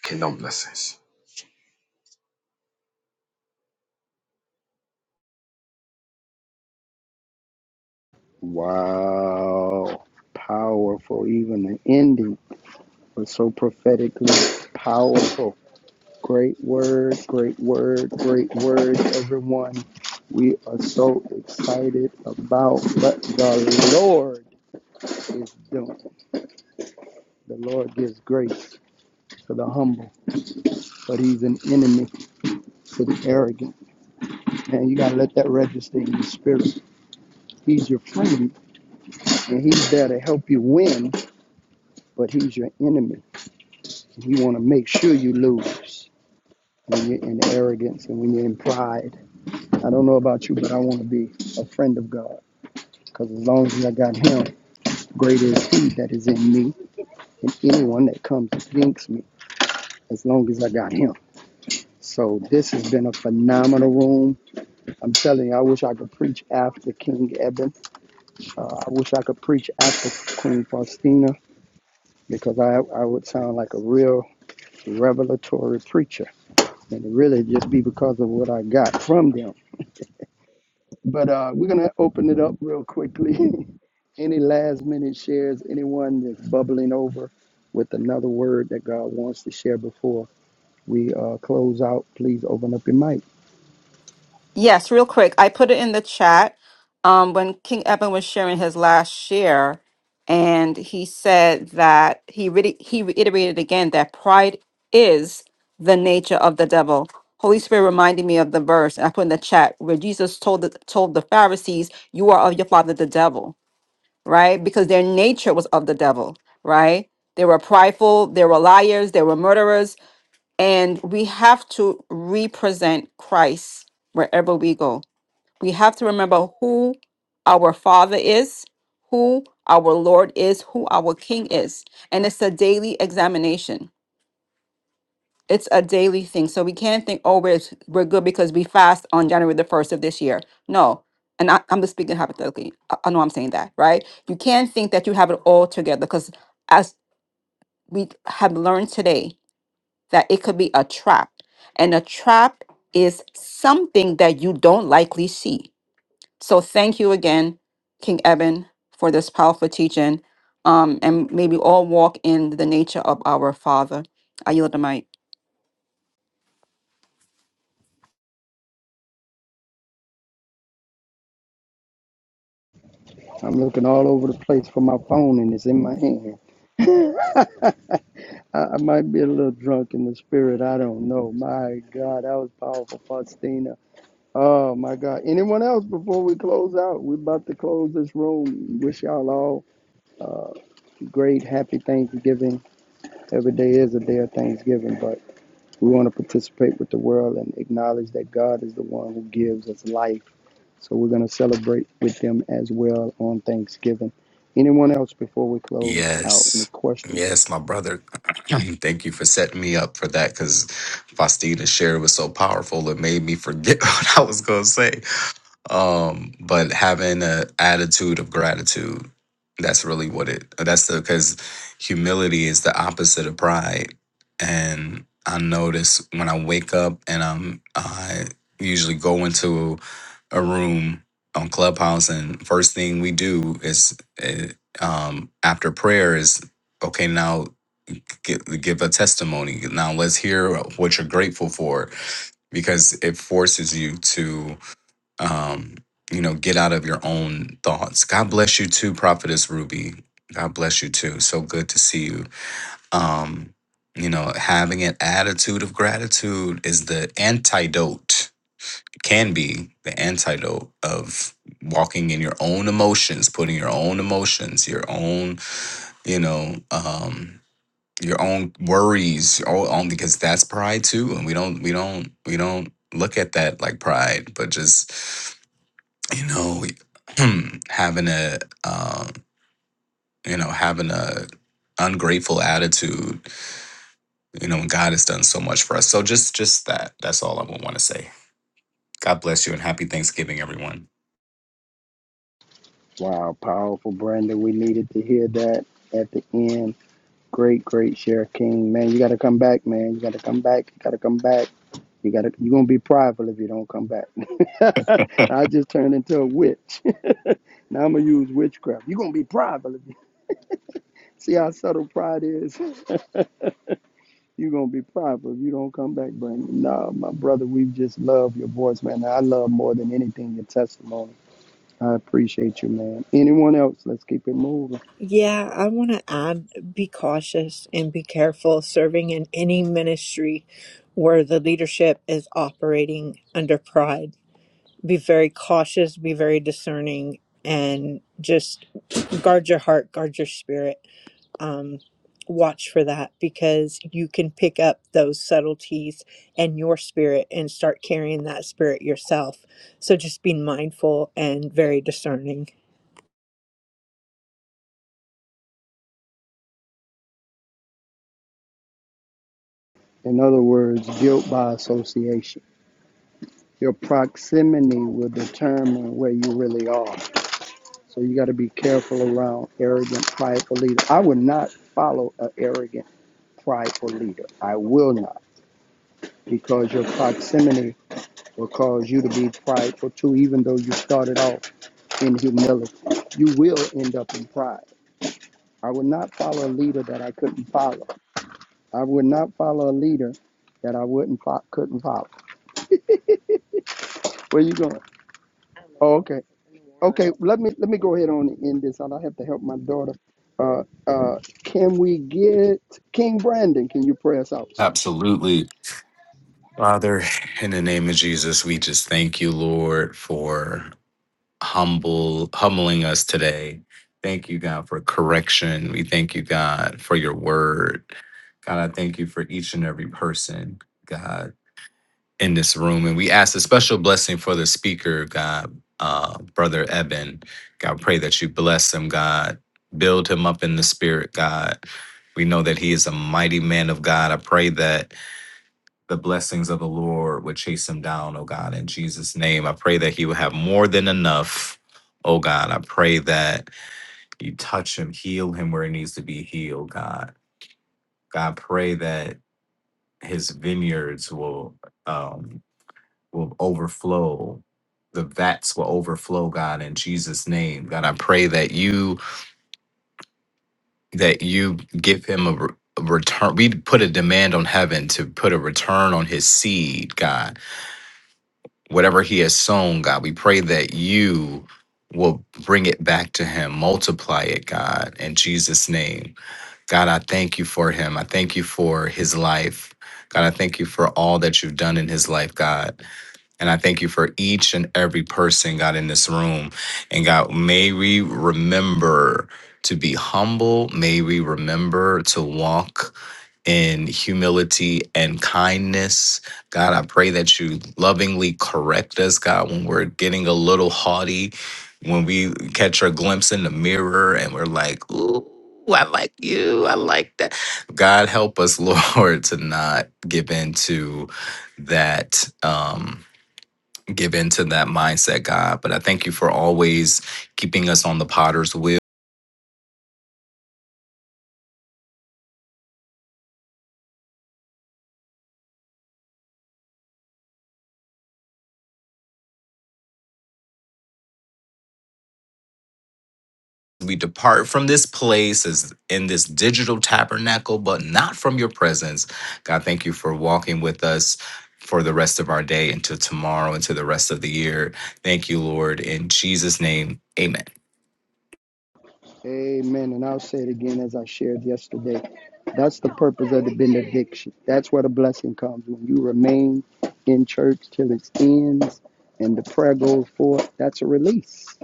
[SPEAKER 3] Kingdom blessings.
[SPEAKER 4] Wow. Powerful. Even the ending was so prophetically powerful. Great word, great word, great word, everyone. We are so excited about what the Lord is doing. The Lord gives grace to the humble, but He's an enemy to the arrogant. Man, you got to let that register in your spirit. He's your friend, and He's there to help you win, but He's your enemy. And He want to make sure you lose when you're in arrogance and when you're in pride. I don't know about you, but I want to be a friend of God because as long as I got Him, greater is He that is in me and anyone that comes against me, as long as I got Him. So this has been a phenomenal room. I'm telling you, I wish I could preach after King Eben. Uh, I wish I could preach after Queen Faustina because I, I would sound like a real revelatory preacher. And it really just be because of what I got from them. But uh, we're going to open it up real quickly. Any last minute shares, anyone that's bubbling over with another word that God wants to share before we uh, close out, please open up your mic.
[SPEAKER 2] Yes, real quick. I put it in the chat um, when King Eben was sharing his last share, and he said that he really he reiterated again that pride is the nature of the devil. Holy Spirit reminded me of the verse I put in the chat where Jesus told the, told the Pharisees, "You are of your father, the devil," right? Because their nature was of the devil, right? They were prideful, they were liars, they were murderers, and we have to represent Christ wherever we go we have to remember who our Father is, who our Lord is, who our King is. And it's a daily examination. It's a daily thing. So we can't think, oh, we're, we're good because we fast on January the 1st of this year. No. And I, I'm just speaking hypothetically. I, I know I'm saying that, right? You can't think that you have it all together because as we have learned today, that it could be a trap. And a trap is something that you don't likely see So thank you again, King Eben, for this powerful teaching. Um, and maybe all walk in the nature of our Father. I yield the mic.
[SPEAKER 4] I'm looking all over the place for my phone and it's in my hand. I, I might be a little drunk in the spirit. I don't know. My God, that was powerful, Faustina. Oh my God. Anyone else before we close out? We're about to close this room. Wish y'all all great, happy Thanksgiving. Every day is a day of Thanksgiving, but we want to participate with the world and acknowledge that God is the one who gives us life. So we're going to celebrate with them as well on Thanksgiving. Anyone else before we close out? Any
[SPEAKER 8] Yes.
[SPEAKER 4] questions?
[SPEAKER 8] Yes, my brother. Thank you for setting me up for that because Faustina's share was so powerful it made me forget what I was gonna say. um but having an attitude of gratitude that's really what it that's the because humility is the opposite of pride and i notice when i wake up and i'm i usually go into a room on clubhouse and first thing we do is eh, um after prayer is okay now give, give a testimony now let's hear what you're grateful for because it forces you um, you know, get out of your own thoughts. God bless you too, Prophetess Ruby. God bless you too. So good to see you. Um, you know, having an attitude of gratitude is the antidote, can be the antidote of walking in your own emotions, putting your own emotions, your own, you know, um, your own worries all on because that's pride too. And we don't we don't we don't look at that like pride, but just you know having a um, you know having a ungrateful attitude you know when god has done so much for us so just just that that's all i would want to say god bless you and happy thanksgiving everyone
[SPEAKER 4] Wow, powerful, Brandon. We needed to hear that at the end. Great, great share, King. Man, you got to come back, man. You got to come back. You got to come back. You got to. You're gonna be prideful if you don't come back. I just turned into a witch. Now I'm gonna use witchcraft. You're gonna be prideful if you see how subtle pride is. You're gonna be prideful if you don't come back, Brandon. No, my brother, we just love your voice, man. I love more than anything your testimony. I appreciate you, man. Anyone else? Let's keep it moving.
[SPEAKER 7] Yeah, I want to add be cautious and be careful serving in any ministry where the leadership is operating under pride. Be very cautious, be very discerning, and just guard your heart, guard your spirit. um, watch for that because you can pick up those subtleties and your spirit and start carrying that spirit yourself. So just being mindful and very discerning.
[SPEAKER 4] In other words, guilt by association. Your proximity will determine where you really are. So you got to be careful around arrogant, prideful leaders. I would not follow an arrogant, prideful leader. I will not, because your proximity will cause you to be prideful too, even though you started off in humility. You will end up in pride. I would not follow a leader that I couldn't follow. I would not follow a leader that I wouldn't fo- couldn't follow. Where you going? Oh, okay. Okay, let me let me go ahead on and end this out. I have to help my daughter. Uh, uh, can we get King Brandon? Can you pray us out, sir?
[SPEAKER 8] absolutely father in the name of jesus we just thank you lord for humble humbling us today thank you god for correction we thank you god for your word god i thank you for each and every person god in this room, and we ask a special blessing for the speaker, God, uh, Brother Eben. God, pray that you bless him, God. Build him up in the spirit, God. We know that he is a mighty man of God. I pray that the blessings of the Lord would chase him down, oh God, in Jesus' name. I pray that he will have more than enough, oh God. I pray that you touch him, heal him where he needs to be healed, God. God, pray that his vineyards will. Um, will overflow. The vats will overflow, God, in Jesus' name. God, I pray that you that you give him a, re- a return. We put a demand on heaven to put a return on his seed, God. Whatever he has sown, God, we pray that you will bring it back to him, multiply it, God, in Jesus' name. God, I thank you for him. I thank you for his life. God, I thank you for all that you've done in his life, God. And I thank you for each and every person, God, in this room. And God, may we remember to be humble. May we remember to walk in humility and kindness. God, I pray that you lovingly correct us, God, when we're getting a little haughty, when we catch a glimpse in the mirror and we're like, ooh. I like you. I like that. God help us, Lord, to not give in to that. Um, give into that mindset, God. But I thank you for always keeping us on the potter's wheel. We depart from this place as in this digital tabernacle, but not from your presence. God, thank you for walking with us for the rest of our day into tomorrow, into the rest of the year. Thank you, Lord. In Jesus' name, amen.
[SPEAKER 4] Amen. And I'll say it again as I shared yesterday. That's the purpose of the benediction. That's where the blessing comes when you remain in church till it ends and the prayer goes forth. That's a release.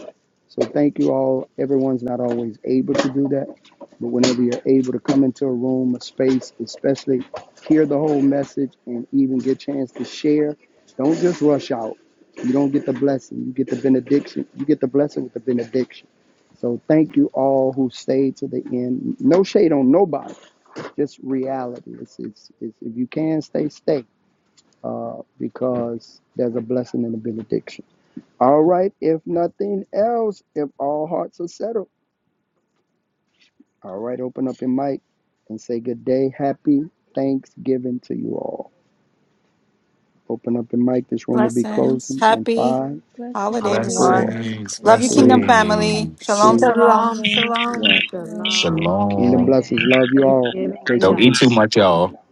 [SPEAKER 4] So thank you all. Everyone's not always able to do that, but whenever you're able to come into a room, a space, especially hear the whole message and even get a chance to share, don't just rush out. You don't get the blessing, you get the benediction. You get the blessing with the benediction. So thank you all who stayed to the end. No shade on nobody, just reality. It's, it's, it's if you can stay, stay, uh, because there's a blessing and a benediction. All right, if nothing else, if all hearts are settled, all right, open up your mic and say good day. Happy Thanksgiving to you all. Open up your mic. This room will be
[SPEAKER 2] Blessings.
[SPEAKER 4] closing in
[SPEAKER 2] Happy
[SPEAKER 4] five,
[SPEAKER 9] Blessings
[SPEAKER 2] holiday,
[SPEAKER 4] four,
[SPEAKER 2] everyone.
[SPEAKER 9] everyone.
[SPEAKER 8] Blessings,
[SPEAKER 2] Love
[SPEAKER 6] Oh,
[SPEAKER 2] you,
[SPEAKER 6] Thanksgiving
[SPEAKER 2] Kingdom
[SPEAKER 4] three,
[SPEAKER 9] Shalom.
[SPEAKER 2] family.
[SPEAKER 6] blessings,
[SPEAKER 8] blessings.
[SPEAKER 2] Shalom,
[SPEAKER 4] two,
[SPEAKER 9] Happy
[SPEAKER 2] shalom.
[SPEAKER 6] everyone.
[SPEAKER 7] Shalom,
[SPEAKER 9] holidays.
[SPEAKER 7] shalom.
[SPEAKER 9] Shalom,
[SPEAKER 4] one.
[SPEAKER 9] shalom. God
[SPEAKER 6] Shalom.
[SPEAKER 9] bless everyone.
[SPEAKER 4] Kingdom
[SPEAKER 6] Every
[SPEAKER 8] Shalom.
[SPEAKER 4] blessings.
[SPEAKER 6] day is
[SPEAKER 4] Love you all.
[SPEAKER 6] Thanksgiving in
[SPEAKER 4] Grace
[SPEAKER 8] Don't
[SPEAKER 4] and
[SPEAKER 6] God.
[SPEAKER 8] eat too
[SPEAKER 4] peace.
[SPEAKER 8] much, y'all.
[SPEAKER 6] Hallelujah.